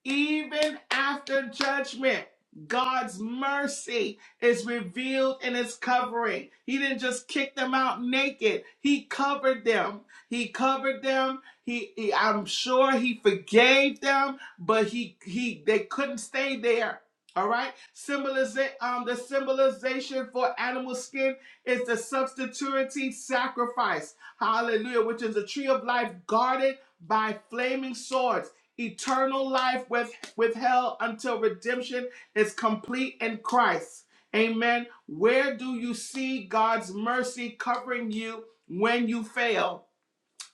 Even after judgment, God's mercy is revealed in his covering. He didn't just kick them out naked. He covered them. He covered them. He, he- I'm sure he forgave them, but he he they couldn't stay there. All right. Symboliza- um, the symbolization for animal skin is the substitutory sacrifice. Hallelujah, which is a tree of life guarded by flaming swords eternal life with, with hell until redemption is complete in Christ. Amen. Where do you see God's mercy covering you when you fail?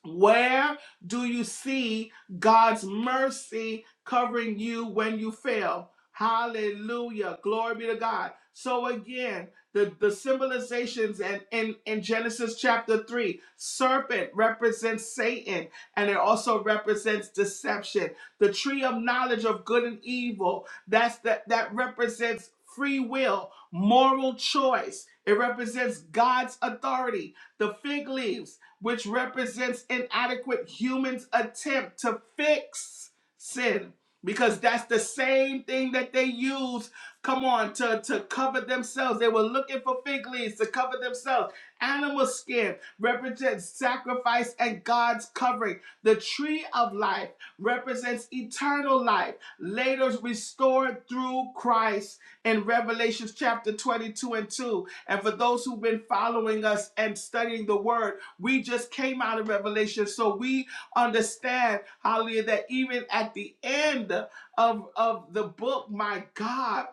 Where do you see God's mercy covering you when you fail? Hallelujah. Glory be to God. So again, the, the symbolizations and in, in Genesis chapter 3, serpent represents Satan and it also represents deception. The tree of knowledge of good and evil, that's that that represents free will, moral choice. It represents God's authority. The fig leaves which represents inadequate humans' attempt to fix sin. Because that's the same thing that they use, come on, to, to cover themselves. They were looking for fig leaves to cover themselves. Animal skin represents sacrifice and God's covering. The tree of life represents eternal life, later restored through Christ in Revelation chapter 22 and 2. And for those who've been following us and studying the word, we just came out of Revelation, so we understand, hallelujah, that even at the end of, of the book, my God,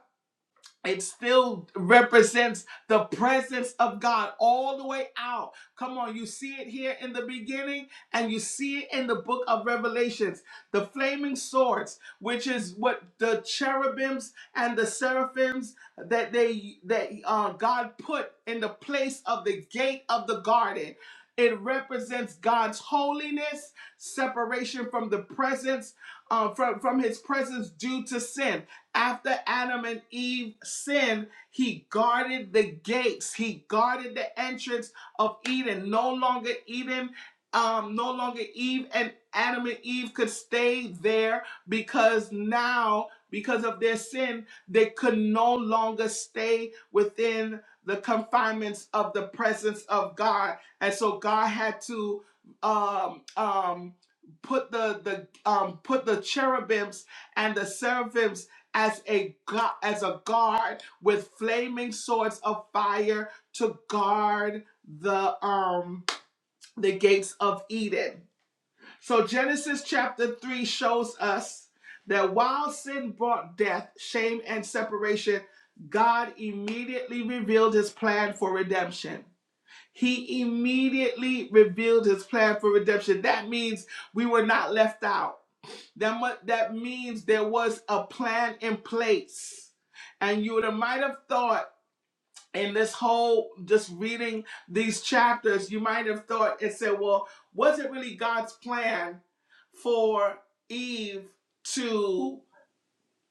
it still represents the presence of God all the way out. Come on, you see it here in the beginning and you see it in the book of Revelations. The flaming swords, which is what the cherubims and the seraphims that they that uh, God put in the place of the gate of the garden. It represents God's holiness, separation from the presence, uh, from, from his presence due to sin after Adam and Eve sinned, he guarded the gates, he guarded the entrance of Eden. No longer Eden, um, no longer Eve and Adam and Eve could stay there because now, because of their sin, they could no longer stay within the confinements of the presence of God. And so God had to um um put the the um put the cherubims and the seraphims as a gu- as a guard with flaming swords of fire to guard the um the gates of Eden. So Genesis chapter 3 shows us that while sin brought death, shame and separation, God immediately revealed his plan for redemption. He immediately revealed his plan for redemption. That means we were not left out. That, mu- that means there was a plan in place. And you might have thought in this whole, just reading these chapters, you might have thought and said, well, was it really God's plan for Eve to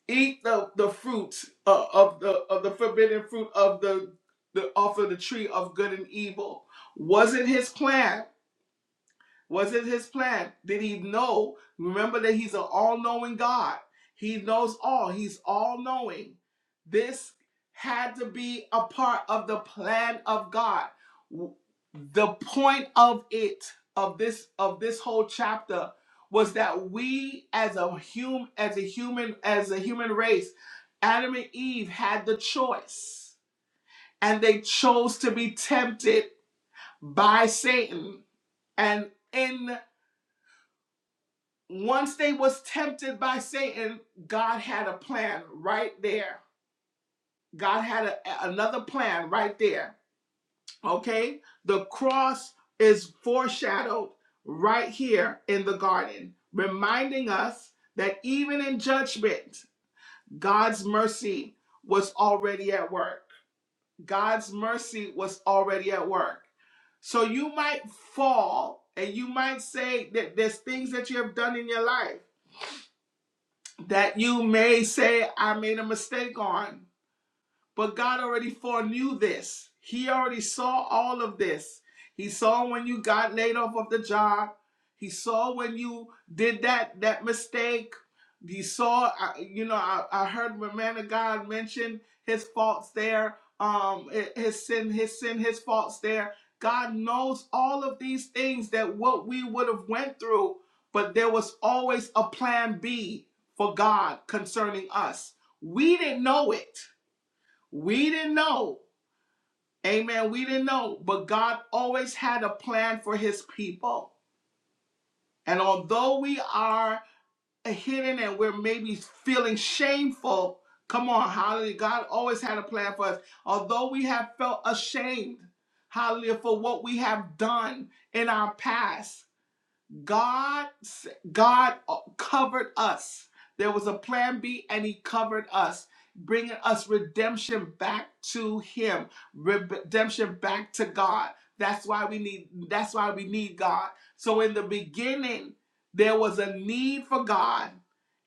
eat the, the fruit uh, of the of the forbidden fruit of the, the off of the tree of good and evil? Was it his plan? Was it his plan? Did he know? Remember that he's an all knowing God. He knows all, he's all knowing. This had to be a part of the plan of God. The point of it, of this, of this whole chapter, was that we as a human, as a human, as a human race, Adam and Eve had the choice. And they chose to be tempted by Satan. And in once they was tempted by satan god had a plan right there god had a, another plan right there okay the cross is foreshadowed right here in the garden reminding us that even in judgment god's mercy was already at work god's mercy was already at work so you might fall and you might say that there's things that you have done in your life that you may say I made a mistake on. But God already foreknew this. He already saw all of this. He saw when you got laid off of the job. He saw when you did that that mistake. He saw, you know, I, I heard the man of God mention his faults there, um, his sin, his sin, his faults there. God knows all of these things that what we would have went through, but there was always a plan B for God concerning us. We didn't know it we didn't know. Amen. We didn't know. But God always had a plan for his people. And although we are hidden and we're maybe feeling shameful, come on, hallelujah. God always had a plan for us. Although we have felt ashamed, hallelujah, for what we have done in our past. God God uh, covered us. There was a plan B and he covered us, bringing us redemption back to him, redemption back to God. That's why we need that's why we need God. So in the beginning there was a need for God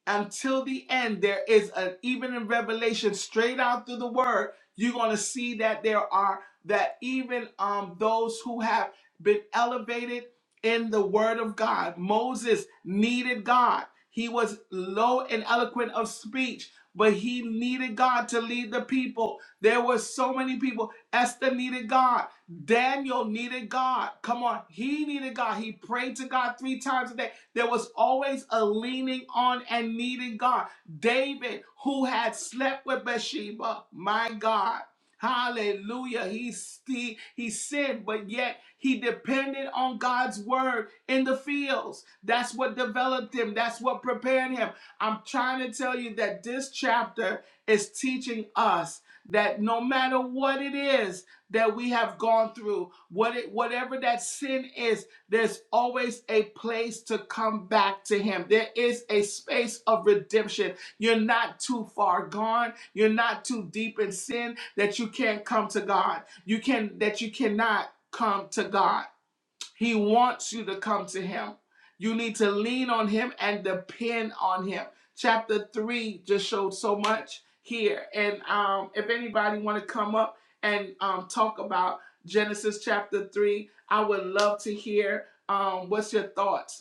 until the end there is an even in revelation straight out through the word you're going to see that there are that even um those who have been elevated in the word of god moses needed god he was low and eloquent of speech but he needed god to lead the people there were so many people esther needed god daniel needed god come on he needed god he prayed to god three times a day there was always a leaning on and needing God. David, who had slept with Bathsheba, my God. Hallelujah. He, he, he sinned, but yet he depended on God's word in the fields. That's what developed him. That's what prepared him. I'm trying to tell you that this chapter is teaching us that no matter what it is that we have gone through, what it, whatever that sin is, there's always a place to come back to Him. There is a space of redemption. You're not too far gone. You're not too deep in sin that you can't come to God. You can that you cannot come to God. He wants you to come to Him. You need to lean on Him and depend on Him. Chapter three just showed so much here, and um, if anybody want to come up and um, talk about Genesis chapter three, I would love to hear um, what's your thoughts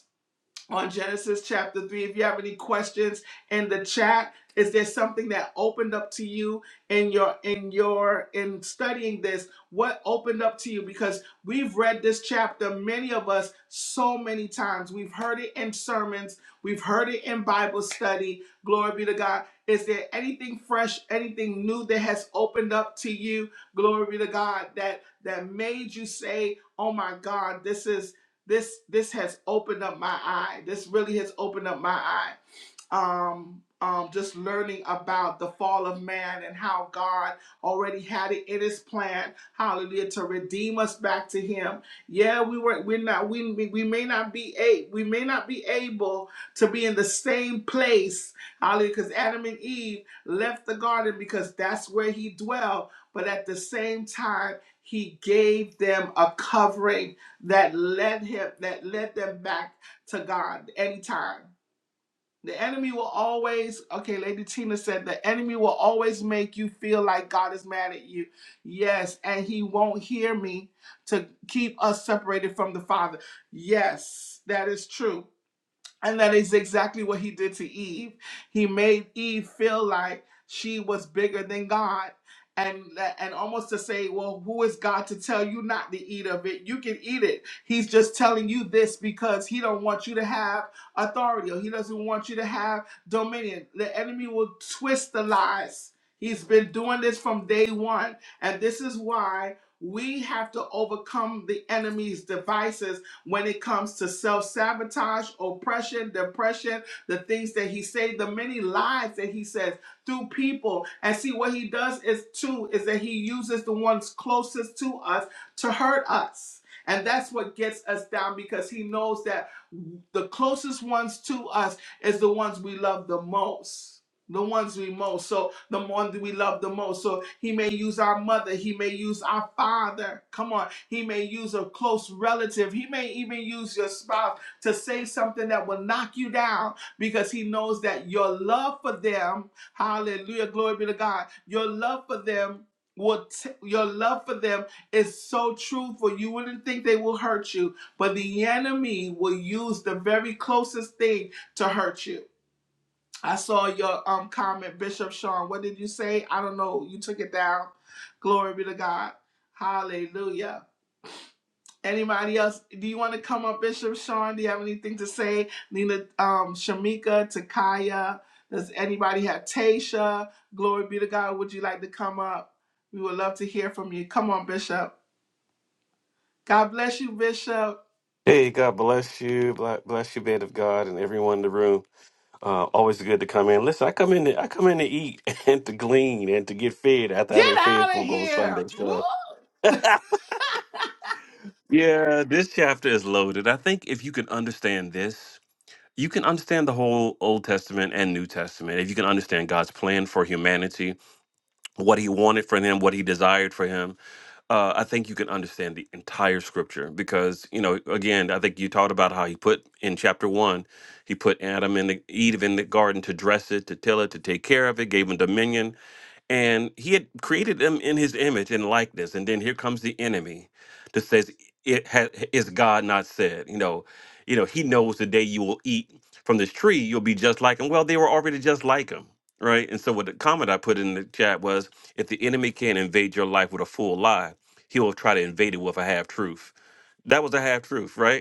on Genesis chapter 3. If you have any questions in the chat, is there something that opened up to you in your in your in studying this? What opened up to you because we've read this chapter many of us so many times. We've heard it in sermons, we've heard it in Bible study. Glory be to God. Is there anything fresh, anything new that has opened up to you? Glory be to God that that made you say, "Oh my God, this is this this has opened up my eye. This really has opened up my eye um, um, just learning about the fall of man and how God already had it in His plan, Hallelujah, to redeem us back to Him. Yeah, we were, we're not, we we may not be a, we may not be able to be in the same place, Hallelujah, because Adam and Eve left the garden because that's where He dwelled, but at the same time. He gave them a covering that led him, that led them back to God anytime. The enemy will always, okay, Lady Tina said, the enemy will always make you feel like God is mad at you. Yes, and he won't hear me to keep us separated from the Father. Yes, that is true. And that is exactly what he did to Eve. He made Eve feel like she was bigger than God. And, and almost to say, well, who is God to tell you not to eat of it? You can eat it. He's just telling you this because he don't want you to have authority or he doesn't want you to have dominion. The enemy will twist the lies. He's been doing this from day one. And this is why we have to overcome the enemy's devices when it comes to self-sabotage, oppression, depression, the things that he said, the many lies that he says through people. And see what he does is too is that he uses the ones closest to us to hurt us. And that's what gets us down because he knows that the closest ones to us is the ones we love the most the ones we most so the one that we love the most so he may use our mother he may use our father come on he may use a close relative he may even use your spouse to say something that will knock you down because he knows that your love for them hallelujah glory be to god your love for them will t- your love for them is so truthful you wouldn't think they will hurt you but the enemy will use the very closest thing to hurt you I saw your um comment, Bishop Sean. What did you say? I don't know. You took it down. Glory be to God. Hallelujah. Anybody else? Do you want to come up, Bishop Sean? Do you have anything to say? Nina, um, Shamika, Takaya. Does anybody have Tasha? Glory be to God. Would you like to come up? We would love to hear from you. Come on, Bishop. God bless you, Bishop. Hey, God bless you, Bla- bless you, man of God, and everyone in the room. Uh, always good to come in. Listen, I come in, to, I come in to eat and to glean and to get fed after I Get done fed out of folk on here. Sunday. Woo! So yeah, this chapter is loaded. I think if you can understand this, you can understand the whole Old Testament and New Testament. If you can understand God's plan for humanity, what He wanted for them, what He desired for Him, uh, I think you can understand the entire scripture because, you know, again, I think you talked about how he put in chapter one, he put Adam and the, Eve in the garden to dress it, to till it, to take care of it, gave him dominion, and he had created them in his image and likeness and then here comes the enemy that says it ha- is god not said you know you know he knows the day you will eat from this tree you'll be just like him well they were already just like him right and so what the comment i put in the chat was if the enemy can not invade your life with a full lie he will try to invade it with a half truth that was a half truth right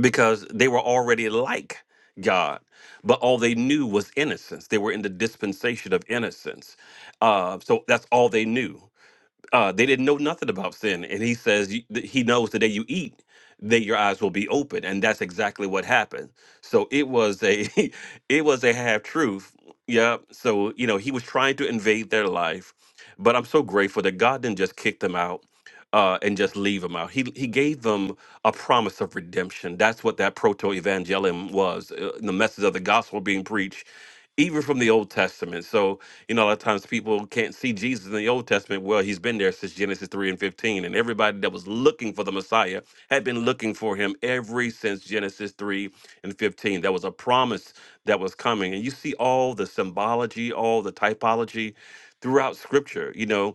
because they were already like God, but all they knew was innocence. They were in the dispensation of innocence. Uh, so that's all they knew uh, they didn't know nothing about sin. And he says you- that he knows the day you eat that your eyes will be open, and that's exactly what happened. So it was a it was a half truth. Yeah. So you know he was trying to invade their life, but I'm so grateful that God didn't just kick them out. Uh, and just leave them out. He he gave them a promise of redemption. That's what that proto evangelium was, uh, the message of the gospel being preached, even from the Old Testament. So you know, a lot of times people can't see Jesus in the Old Testament. Well, he's been there since Genesis 3 and 15. And everybody that was looking for the Messiah had been looking for him ever since Genesis 3 and 15. That was a promise that was coming. And you see all the symbology, all the typology throughout scripture, you know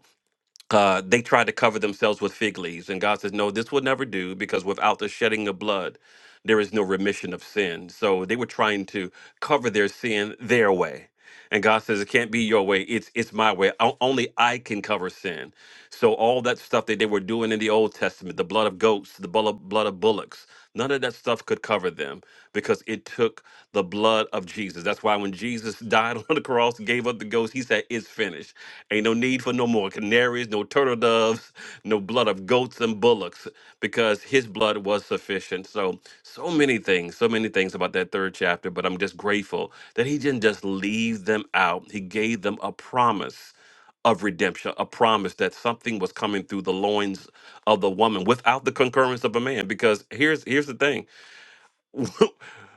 uh, they tried to cover themselves with fig leaves. And God says, No, this will never do because without the shedding of blood, there is no remission of sin. So they were trying to cover their sin their way. And God says, It can't be your way. It's it's my way. O- only I can cover sin. So all that stuff that they were doing in the Old Testament, the blood of goats, the blood of, blood of bullocks, none of that stuff could cover them because it took the blood of Jesus. That's why when Jesus died on the cross, gave up the ghost, he said, It's finished Ain't no need for no more canaries, no turtle doves, no blood of goats and bullocks, because his blood was sufficient. So, so many things, so many things about that third chapter, but I'm just grateful that he didn't just leave them out. He gave them a promise of redemption, a promise that something was coming through the loins of the woman without the concurrence of a man. Because here's here's the thing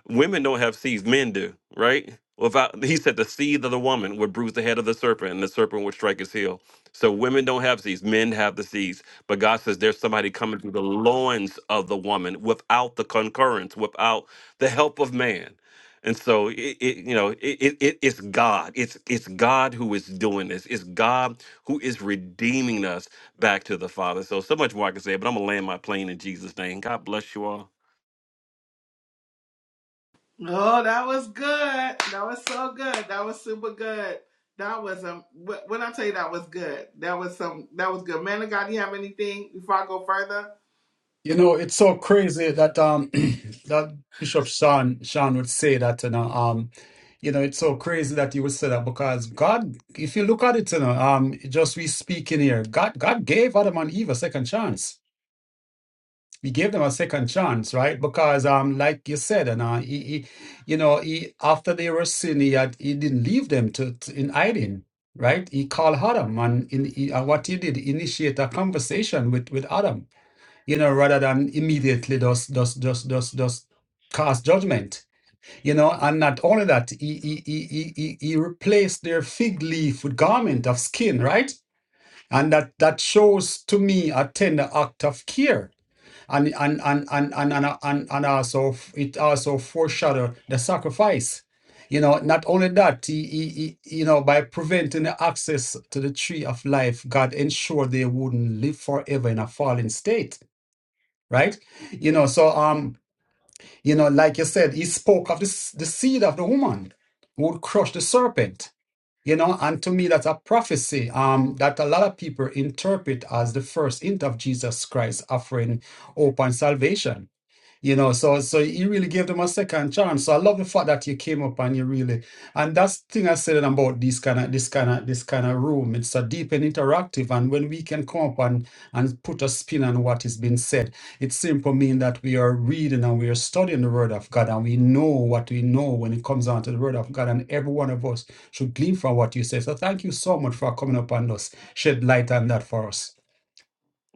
women don't have seeds, men do, right? Without he said the seed of the woman would bruise the head of the serpent, and the serpent would strike his heel. So women don't have seeds, men have the seeds. But God says there's somebody coming through the loins of the woman without the concurrence, without the help of man. And so it, it you know, it, it it- it's God. It's it's God who is doing this. It's God who is redeeming us back to the Father. So so much more I can say, but I'm gonna land my plane in Jesus' name. God bless you all. Oh, that was good. That was so good. That was super good. That was um. wh- When I tell you that was good, that was some. That was good. Man of God, do you have anything before I go further? You know, it's so crazy that um that Bishop Sean Sean would say that, you know, um, you know, it's so crazy that he would say that because God, if you look at it, you know, um, just we speaking here, God, God gave Adam and Eve a second chance. we gave them a second chance, right? Because, um, like you said, and uh, he, he, you know, he after they were sin, he, had, he didn't leave them to, to in hiding, right? He called Adam, and in, he, and what he did, initiate a conversation with with Adam, you know, rather than immediately just just just just just cast judgment, you know. And not only that, he he he he, he he replaced their fig leaf with garment of skin, right? And that that shows to me a tender act of care and and and and and and, and, and also f- it also foreshadowed the sacrifice you know not only that he, he, he- you know by preventing the access to the tree of life god ensured they wouldn't live forever in a fallen state right you know so um you know like you said he spoke of this the seed of the woman who would crush the serpent you know and to me that's a prophecy um that a lot of people interpret as the first hint of jesus christ offering hope and salvation you know, so so you really gave them a second chance. So I love the fact that you came up and you really and that's the thing I said about this kind of this kind of this kind of room. It's a deep and interactive, and when we can come up and and put a spin on what is being said, it simply means that we are reading and we are studying the Word of God, and we know what we know when it comes down to the Word of God, and every one of us should glean from what you say. So thank you so much for coming up and us shed light on that for us.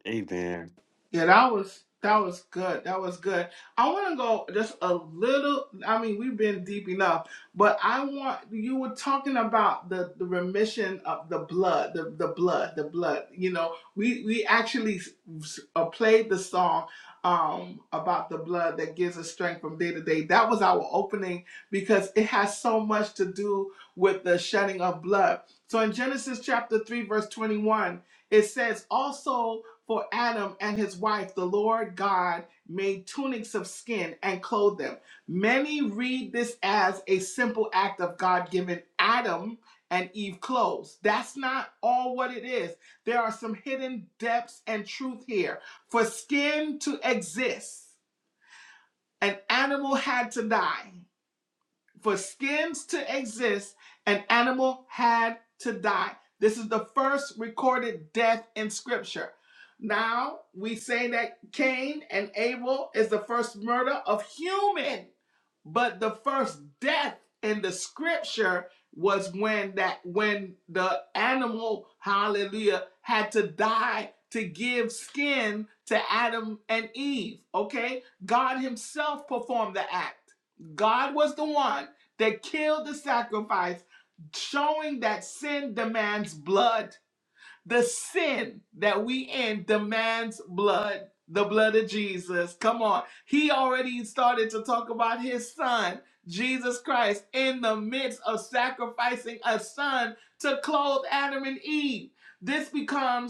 Amen. Yeah, that was that was good. That was good. I want to go just a little. I mean, we've been deep enough, but I want you were talking about the the remission of the blood, the the blood, the blood. You know, we we actually s- s- uh, played the song um about the blood that gives us strength from day to day. That was our opening because it has so much to do with the shedding of blood. So in Genesis chapter 3 verse 21, it says also for Adam and his wife, the Lord God made tunics of skin and clothed them. Many read this as a simple act of God giving Adam and Eve clothes. That's not all what it is. There are some hidden depths and truth here. For skin to exist, an animal had to die for skins to exist, an animal had to die. This is the first recorded death in scripture. Now we say that Cain and Abel is the first murder of human, but the first death in the scripture was when that when the animal hallelujah had to die to give skin to Adam and Eve, okay? God himself performed the act. God was the one they killed the sacrifice, showing that sin demands blood. The sin that we in demands blood. The blood of Jesus. Come on. He already started to talk about his son, Jesus Christ, in the midst of sacrificing a son to clothe Adam and Eve. This becomes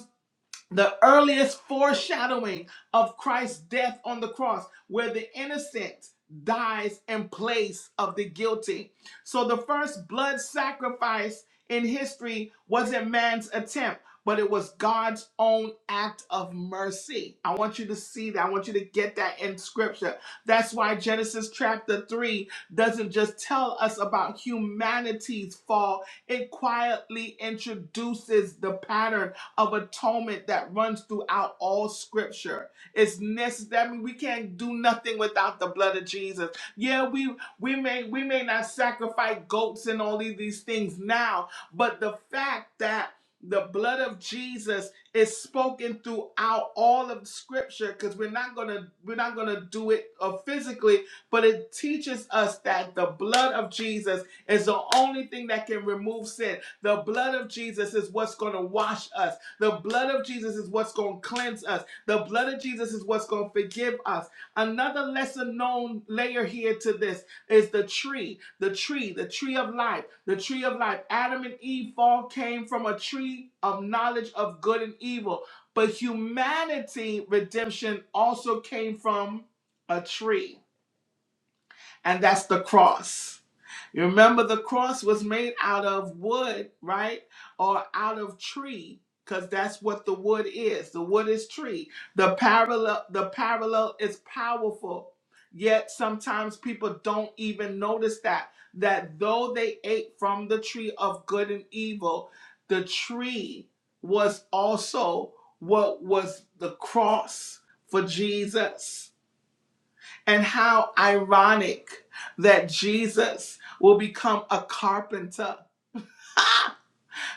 the earliest foreshadowing of Christ's death on the cross, where the innocent dies in place of the guilty. So the first blood sacrifice in history wasn't man's attempt, but it was God's own act of mercy. I want you to see that. I want you to get that in scripture. That's why Genesis chapter 3 doesn't just tell us about humanity's fall, it quietly introduces the pattern of atonement that runs throughout all scripture. It's necessary. I mean, we can't do nothing without the blood of Jesus. Yeah, we we may we may not sacrifice goats and all of these things now, but the fact that the blood of Jesus is spoken throughout all of scripture because we're not gonna we're not gonna do it uh, physically, but it teaches us that the blood of Jesus is the only thing that can remove sin. The blood of Jesus is what's going to wash us. The blood of Jesus is what's going to cleanse us. The blood of Jesus is what's going to forgive us. Another lesser known layer here to this is the tree, the tree, the tree of life, the tree of life. Adam and Eve fall came from a tree of knowledge of good and evil. But humanity redemption also came from a tree, and that's the cross. You remember the cross was made out of wood, right? Or out of tree, because that's what the wood is. The wood is tree. The parallel, the parallel is powerful. Yet sometimes people don't even notice that. That though they ate from the tree of good and evil, the tree was also what was the cross for Jesus and how ironic that Jesus will become a carpenter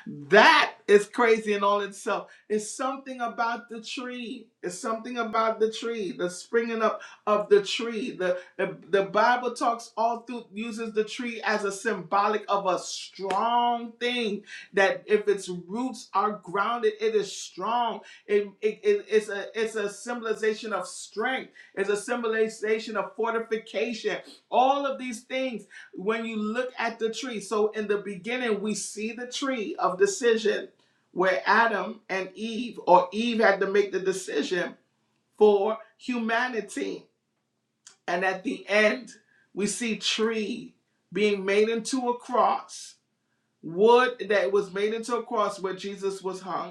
that is crazy in all itself. It's something about the tree. It's something about the tree, the springing up of the tree. The, the, the Bible talks all through, uses the tree as a symbolic of a strong thing that if its roots are grounded, it is strong. It, it, it- it's, a, it's a symbolization of strength, it's a symbolization of fortification. All of these things when you look at the tree, so in the beginning, we see the tree of decision where Adam and Eve, or Eve had to make the decision for humanity. And at the end, we see tree being made into a cross, wood that was made into a cross where Jesus was hung.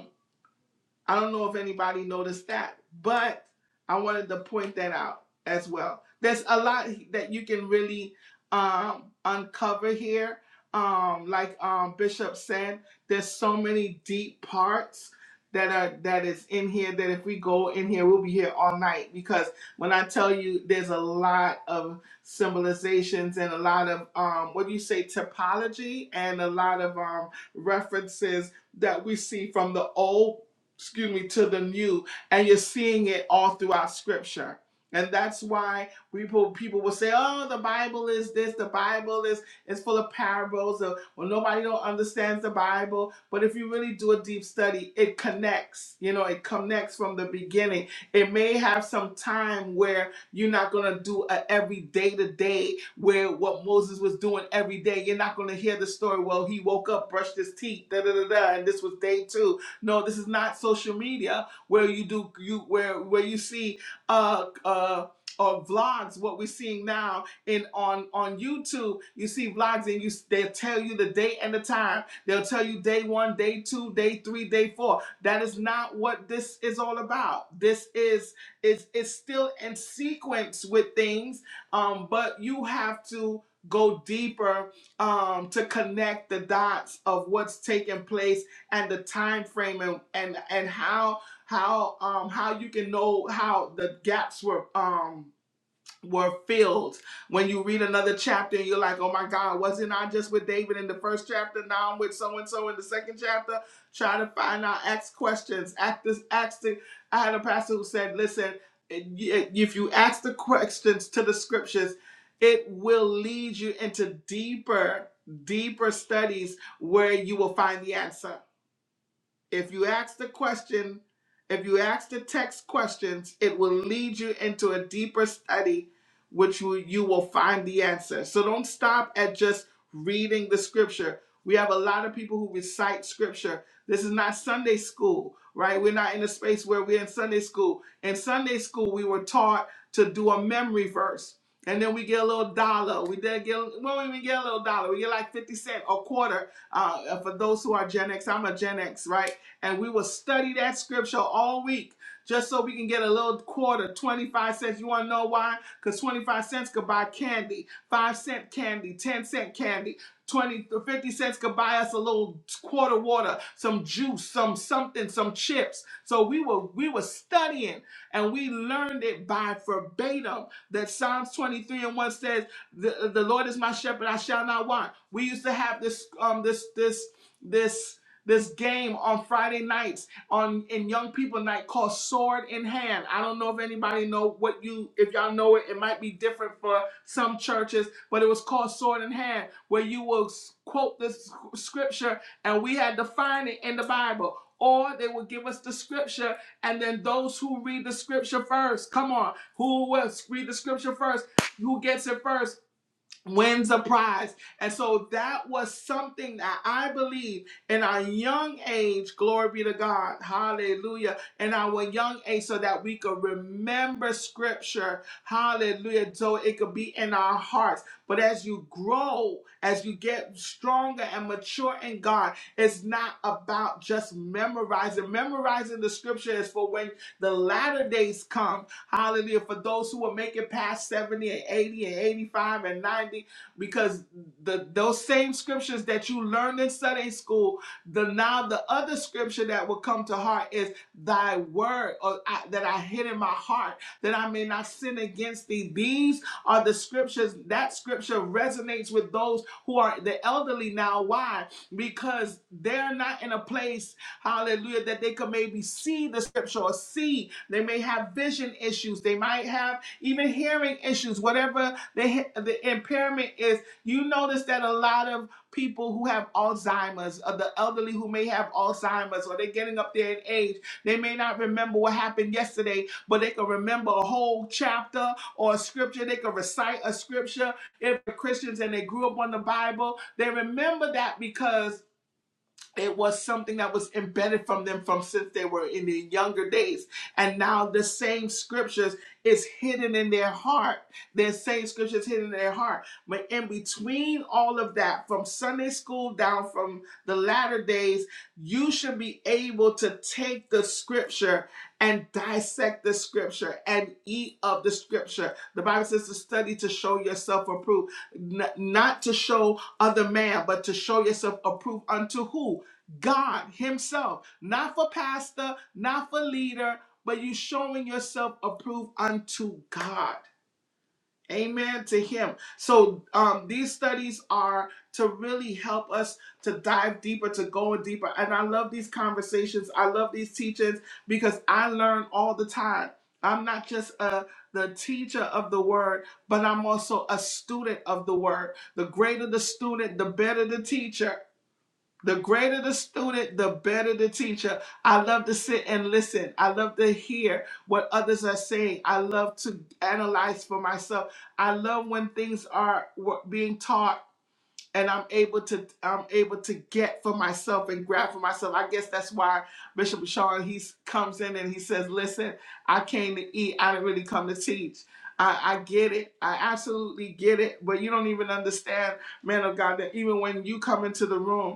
I don't know if anybody noticed that, but I wanted to point that out as well. There's a lot that you can really um, uncover here. Um, like um, Bishop said, there's so many deep parts that are that is in here that if we go in here, we'll be here all night. Because when I tell you, there's a lot of symbolizations and a lot of um, what do you say topology and a lot of um, references that we see from the old excuse me, to the new, and you're seeing it all throughout Scripture. And that's why people people will say, "Oh, the Bible is this. The Bible is is full of parables. Or, well, nobody don't understands the Bible." But if you really do a deep study, it connects. You know, it connects from the beginning. It may have some time where you're not gonna do a every day to day where what Moses was doing every day. You're not gonna hear the story. Well, he woke up, brushed his teeth, da da da da, and this was day two no, this is not social media where you do you where where you see uh uh or vlogs what we're seeing now in on on youtube you see vlogs and you they'll tell you the date and the time they'll tell you day one day two day three day four that is not what this is all about this is is is still in sequence with things um but you have to go deeper um to connect the dots of what's taking place and the time frame and and, and how how um how you can know how the gaps were um were filled when you read another chapter and you're like oh my god wasn't i just with david in the first chapter now i'm with so and so in the second chapter try to find out ask questions ask this ask the i had a pastor who said listen if you ask the questions to the scriptures it will lead you into deeper deeper studies where you will find the answer if you ask the question, if you ask the text questions, it will lead you into a deeper study, which you, you will find the answer. So don't stop at just reading the scripture. We have a lot of people who recite scripture. This is not Sunday school, right? We're not in a space where we're in Sunday school. In Sunday school, we were taught to do a memory verse. And then we get a little dollar. We did get, well, we even get a little dollar. We get like 50 cent or quarter uh, for those who are Gen X, I'm a Gen X, right? and we will study that scripture all week just so we can get a little quarter, 25 cents. You want to know why? Because 25 cents could buy candy, 5 cent candy, 10 cent candy. 20 to 50 cents could buy us a little quarter water, some juice, some something, some chips. So we were we were studying and we learned it by verbatim that Psalms 23 and 1 says, the, the Lord is my shepherd, I shall not want. We used to have this um this this this this game on Friday nights on in young people night called Sword in Hand. I don't know if anybody know what you if y'all know it. It might be different for some churches, but it was called Sword in Hand, where you will quote this scripture and we had to find it in the Bible. Or they would give us the scripture, and then those who read the scripture first, come on, who will read the scripture first, who gets it first? wins a prize. And so that was something that I believe in our young age, glory be to God, hallelujah, in our young age, so that we could remember scripture, hallelujah, so it could be in our hearts. But as you grow, as you get stronger and mature in God, it's not about just memorizing. Memorizing the scripture is for when the latter days come Hallelujah. For those who will make it past 70 and 80 and 85 and 90, because the those same scriptures that you learned in Sunday school, the now the other scripture that will come to heart is thy word or I, that I hid in my heart that I may not sin against thee. These are the scriptures that scripture resonates with those who are the elderly now. Why? Because they're not in a place Hallelujah. That they could maybe see the scripture or see. They may have vision issues. They might have even hearing issues, whatever the, the impairment is. You notice that a lot of people who have Alzheimer's or the elderly who may have Alzheimer's or they're getting up there in age, they may not remember what happened yesterday, but they can remember a whole chapter or a scripture. They can recite a scripture. If they're Christians and they grew up on the Bible, they remember that because it was something that was embedded from them from since they were in their younger days. And now the same scriptures is hidden in their heart. The same scriptures hidden in their heart. But in between all of that, from Sunday school down from the latter days, you should be able to take the scripture and dissect the scripture and eat of the scripture. The Bible says to study to show yourself approved, N- not to show other man, but to show yourself approved unto who? God Himself, not for pastor, not for leader, but you showing yourself approved unto God. Amen to Him. So um, these studies are to really help us to dive deeper, to go in deeper. And I love these conversations. I love these teachings because I learn all the time. I'm not just a the teacher of the word, but I'm also a student of the word. The greater the student, the better the teacher. The greater the student, the better the teacher. I love to sit and listen. I love to hear what others are saying. I love to analyze for myself. I love when things are wa- being taught and I'm able to I'm able to get for myself and grab for myself. I guess that's why Bishop Sean he s- comes in and he says, "Listen, I came to eat. I didn't really come to teach." I, I get it. I absolutely get it. But you don't even understand, man of God, that even when you come into the room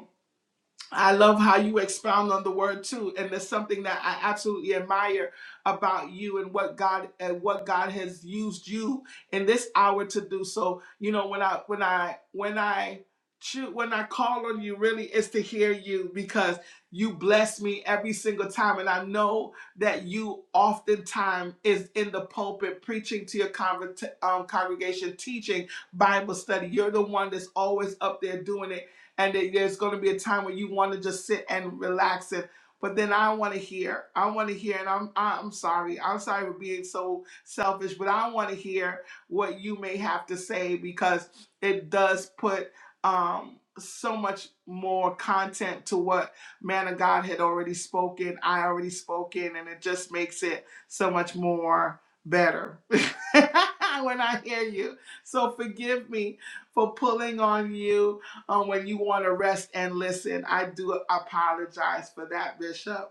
I love how you expound on the word too, and there's something that I absolutely admire about you and what God and what God has used you in this hour to do. So you know when I when I when I choo- when I call on you, really is to hear you because you bless me every single time, and I know that you oftentimes is in the pulpit preaching to your convert, um, congregation, teaching Bible study. You're the one that's always up there doing it and there's going to be a time where you want to just sit and relax it, but then I want to hear. I want to hear, and I'm I'm sorry. I'm sorry for being so selfish, but I want to hear what you may have to say because it does put um, so much more content to what man of God had already spoken. I already spoken, and it just makes it so much more better when I hear you. So forgive me for pulling on you um, when you want to rest and listen. I do apologize for that, Bishop.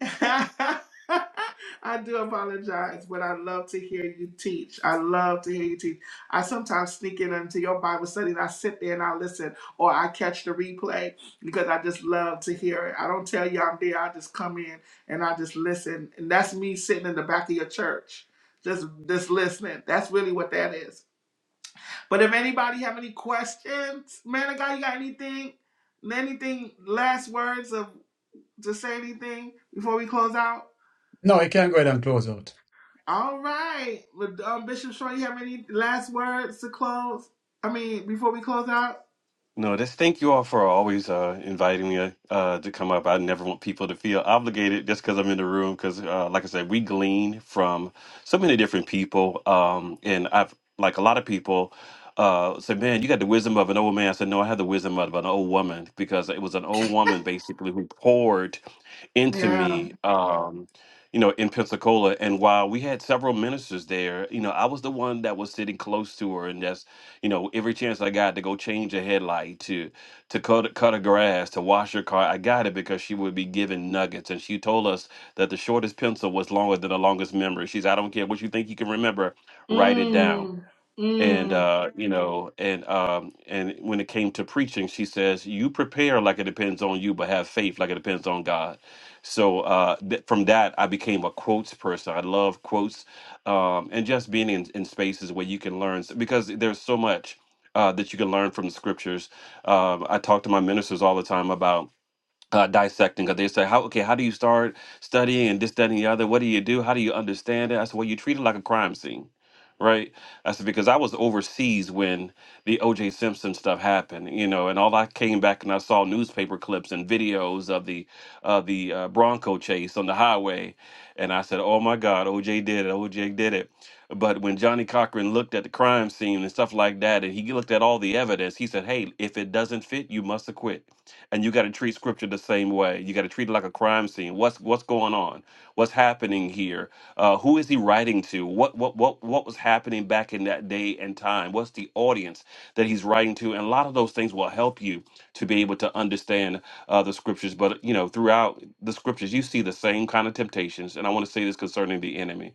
I do apologize, but I love to hear you teach. I love to hear you teach. I sometimes sneak in into your Bible study and I sit there and I listen or I catch the replay because I just love to hear it. I don't tell you I'm there, I just come in and I just listen. And that's me sitting in the back of your church, just just listening. That's really what that is. But if anybody have any questions, man of God, you got anything, anything, last words of to say anything before we close out? No, you can go ahead and close out. All right, um, Bishop Shaw, you have any last words to close? I mean, before we close out? No, just thank you all for always uh, inviting me uh, uh, to come up. I never want people to feel obligated just because I'm in the room. Because, uh, like I said, we glean from so many different people, um, and I've like a lot of people uh, say, "Man, you got the wisdom of an old man." I said, "No, I have the wisdom of an old woman because it was an old woman basically who poured into Yeah. me." Um, you know, in Pensacola, and while we had several ministers there, you know, I was the one that was sitting close to her, and that's you know, every chance I got to go change a headlight, to to cut cut a grass, to wash her car, I got it because she would be given nuggets. And she told us that the shortest pencil was longer than the longest memory. She's, I don't care what you think you can remember, write it down Mm, and mm. uh you know and um and when it came to preaching she says you prepare like it depends on you but have faith like it depends on god so uh th- from that i became a quotes person i love quotes um and just being in, in spaces where you can learn s- because there's so much uh that you can learn from the scriptures um i talk to my ministers all the time about uh, dissecting because they say how okay how do you start studying and this that and the other what do you do how do you understand it i said well you treat it like a crime scene right i said because i was overseas when the oj simpson stuff happened you know and all i came back and i saw newspaper clips and videos of the of the uh, bronco chase on the highway and i said oh my god oj did it oj did it but when johnny cochran looked at the crime scene and stuff like that and he looked at all the evidence he said hey if it doesn't fit you must acquit and you got to treat scripture the same way. You got to treat it like a crime scene. What's what's going on? What's happening here? Uh, who is he writing to? What what what what was happening back in that day and time? What's the audience that he's writing to? And a lot of those things will help you to be able to understand uh, the scriptures. But you know, throughout the scriptures, you see the same kind of temptations. And I want to say this concerning the enemy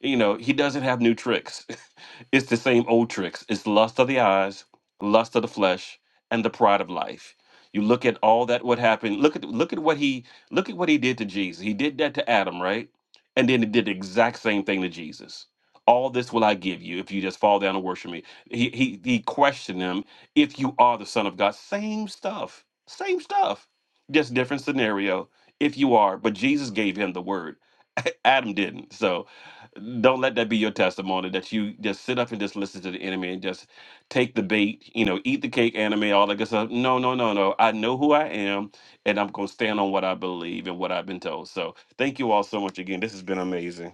you know, he doesn't have new tricks. it's the same old tricks. It's lust of the eyes, lust of the flesh, and the pride of life. You look at all that what happened. Look at look at what he look at what he did to Jesus. He did that to Adam, right? And then he did the exact same thing to Jesus. All this will I give you if you just fall down and worship me. He he he questioned him if you are the son of God. Same stuff. Same stuff. Just different scenario if you are, but Jesus gave him the word. Adam didn't. So don't let that be your testimony that you just sit up and just listen to the enemy and just take the bait, you know, eat the cake, anime, all that good stuff. No, no, no, no. I know who I am and I'm going to stand on what I believe and what I've been told. So thank you all so much again. This has been amazing.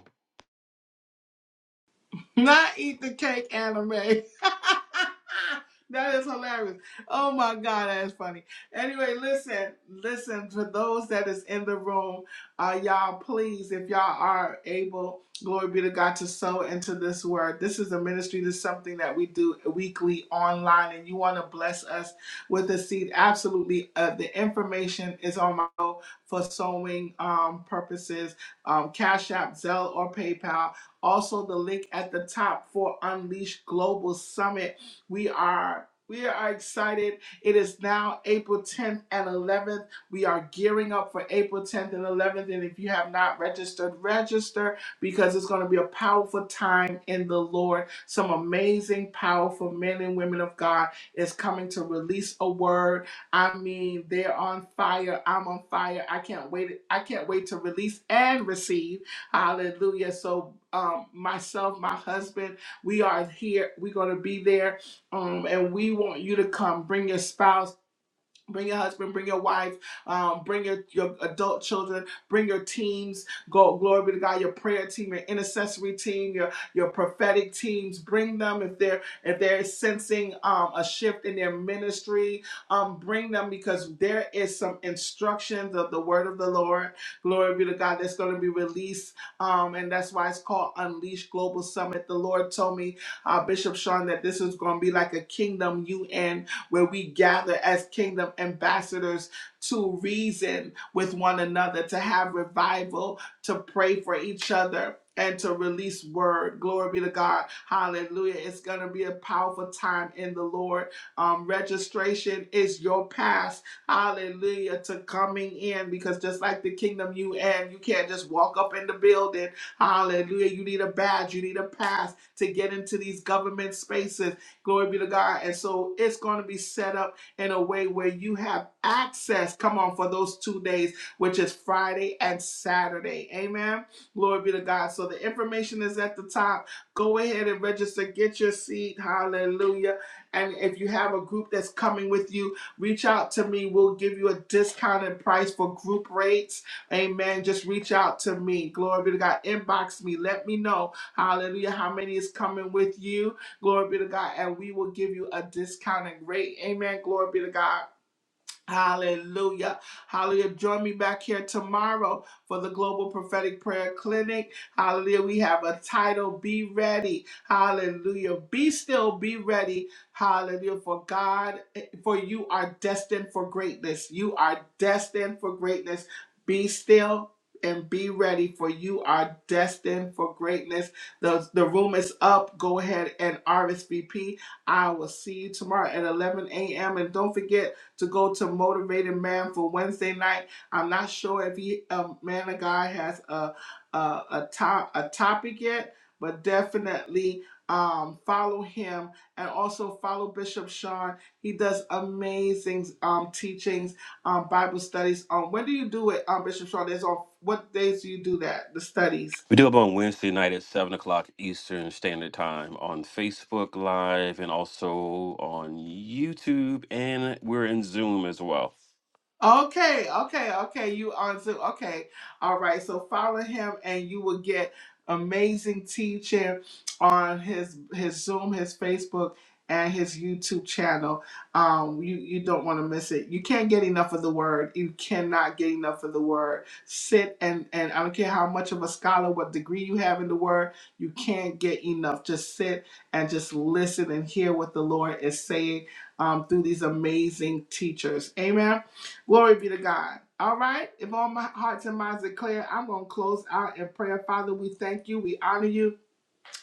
Not eat the cake anime. that is hilarious. Oh my god, that is funny. Anyway, listen, listen for those that is in the room, uh, y'all please, if y'all are able, glory be to God to sow into this word. This is a ministry. This is something that we do weekly online, and you want to bless us with a seed. Absolutely, uh, the information is on my for sowing um, purposes. Um, Cash App, Zelle, or PayPal. Also, the link at the top for Unleash Global Summit. We are we are excited. It is now April 10th and 11th. We are gearing up for April 10th and 11th. And if you have not registered, register because it's going to be a powerful time in the Lord. Some amazing, powerful men and women of God is coming to release a word. I mean, they're on fire. I'm on fire. I can't wait. I can't wait to release and receive. Hallelujah. So, um, myself, my husband, we are here. We're going to be there. Um, and we want you to come. Bring your spouse Bring your husband, bring your wife, um, bring your, your adult children, bring your teams. Go, glory be to God. Your prayer team, your intercessory team, your your prophetic teams. Bring them if they're if they're sensing um, a shift in their ministry. Um, bring them because there is some instructions of the word of the Lord. Glory be to God. That's going to be released, um, and that's why it's called Unleash Global Summit. The Lord told me, uh, Bishop Sean, that this is going to be like a kingdom UN where we gather as kingdom ambassadors to reason with one another, to have revival, to pray for each other. And to release word. Glory be to God. Hallelujah. It's going to be a powerful time in the Lord. Um, registration is your pass. Hallelujah. To coming in because just like the kingdom you and you can't just walk up in the building. Hallelujah. You need a badge. You need a pass to get into these government spaces. Glory be to God. And so it's going to be set up in a way where you have access, come on, for those two days, which is Friday and Saturday. Amen. Glory be to God. So the information is at the top. Go ahead and register, get your seat. Hallelujah. And if you have a group that's coming with you, reach out to me. We'll give you a discounted price for group rates. Amen. Just reach out to me. Glory be to God. Inbox me. Let me know. Hallelujah. How many is coming with you? Glory be to God. And we will give you a discounting rate. Amen. Glory be to God. Hallelujah. Hallelujah. Join me back here tomorrow for the Global Prophetic Prayer Clinic. Hallelujah. We have a title Be Ready. Hallelujah. Be still, be ready. Hallelujah. For God, for you are destined for greatness. You are destined for greatness. Be still. And be ready for you are destined for greatness. The, the room is up. Go ahead and RSVP. I will see you tomorrow at 11 a.m. And don't forget, to go to Motivated Man for Wednesday night. I'm not sure if he, um, man of God, has a a, a top a topic yet, but definitely um, follow him and also follow Bishop Sean. He does amazing um, teachings, um, Bible studies. Um, when do you do it, um, Bishop Sean? There's on what days do you do that? The studies. We do up on Wednesday night at 7 o'clock Eastern Standard Time on Facebook Live and also on YouTube. And we're in Zoom as well. Okay, okay, okay. You on Zoom. Okay. All right. So follow him and you will get amazing teaching on his his Zoom, his Facebook, and his YouTube channel. Um, you you don't want to miss it. You can't get enough of the word. You cannot get enough of the word. Sit and and I don't care how much of a scholar, what degree you have in the word, you can't get enough. Just sit and just listen and hear what the Lord is saying um, through these amazing teachers. Amen. Glory be to God. All right. If all my hearts and minds are clear, I'm going to close out in prayer. Father, we thank you. We honor you.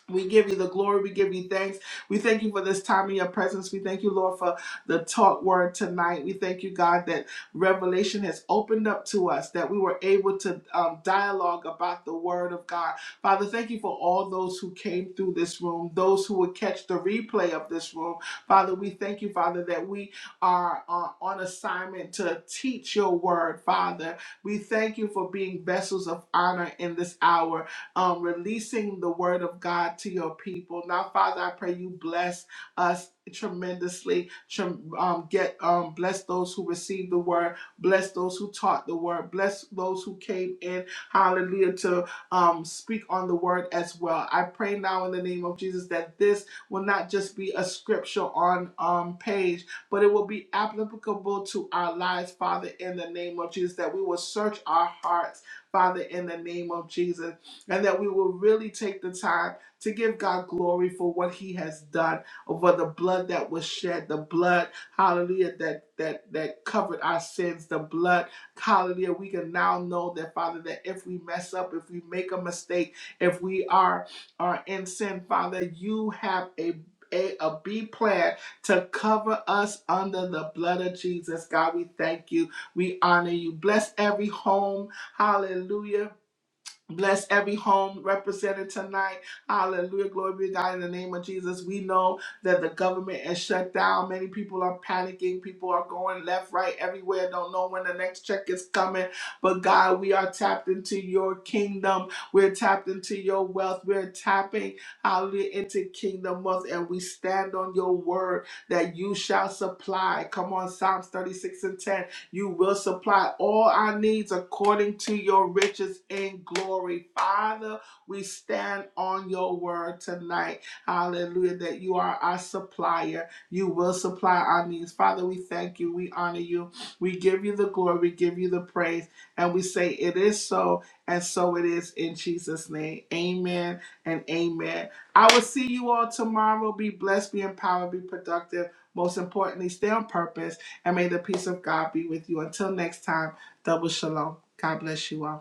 We give you the glory. We give you thanks. We thank you for this time in your presence. We thank you, Lord, for the talk word tonight. We thank you, God, that revelation has opened up to us, that we were able to um, dialogue about the word of God. Father, thank you for all those who came through this room, those who will catch the replay of this room. Father, we thank you, Father, that we are uh, on assignment to teach your word, Father. We thank you for being vessels of honor in this hour um, releasing the word of God to your people. Now, Father, I pray you bless us tremendously. Trem- um, get um, bless those who received the word, bless those who taught the word, bless those who came in. Hallelujah to um, speak on the word as well. I pray now in the name of Jesus that this will not just be a scripture on um, page, but it will be applicable to our lives, Father, in the name of Jesus. That we will search our hearts, Father, in the name of Jesus and that we will really take the time to give God glory for what He has done, over the blood that was shed, the blood, hallelujah, that that that covered our sins, the blood, hallelujah. We can now know that, Father, that if we mess up, if we make a mistake, if we are are in sin, Father, you have a a, a B plan to cover us under the blood of Jesus. God, we thank you. We honor you. Bless every home. Hallelujah Bless every home represented tonight. Hallelujah. Glory be to God in the name of Jesus. We know that the government is shut down. Many people are panicking. People are going left, right, everywhere. Don't know when the next check is coming. But God, we are tapped into your kingdom. We're tapped into your wealth. We're tapping, hallelujah, into kingdom wealth. And we stand on your word that you shall supply. Come on, Psalms 36 and 10 you will supply all our needs according to your riches in glory. Father, we stand on your word tonight. Hallelujah, that you are our supplier. You will supply our needs. Father, we thank you. We honor you. We give you the glory. We give you the praise. And we say, It is so, and so it is in Jesus' name. Amen and amen. I will see you all tomorrow. Be blessed, be empowered, be productive. Most importantly, stay on purpose and may the peace of God be with you. Until next time, double shalom. God bless you all.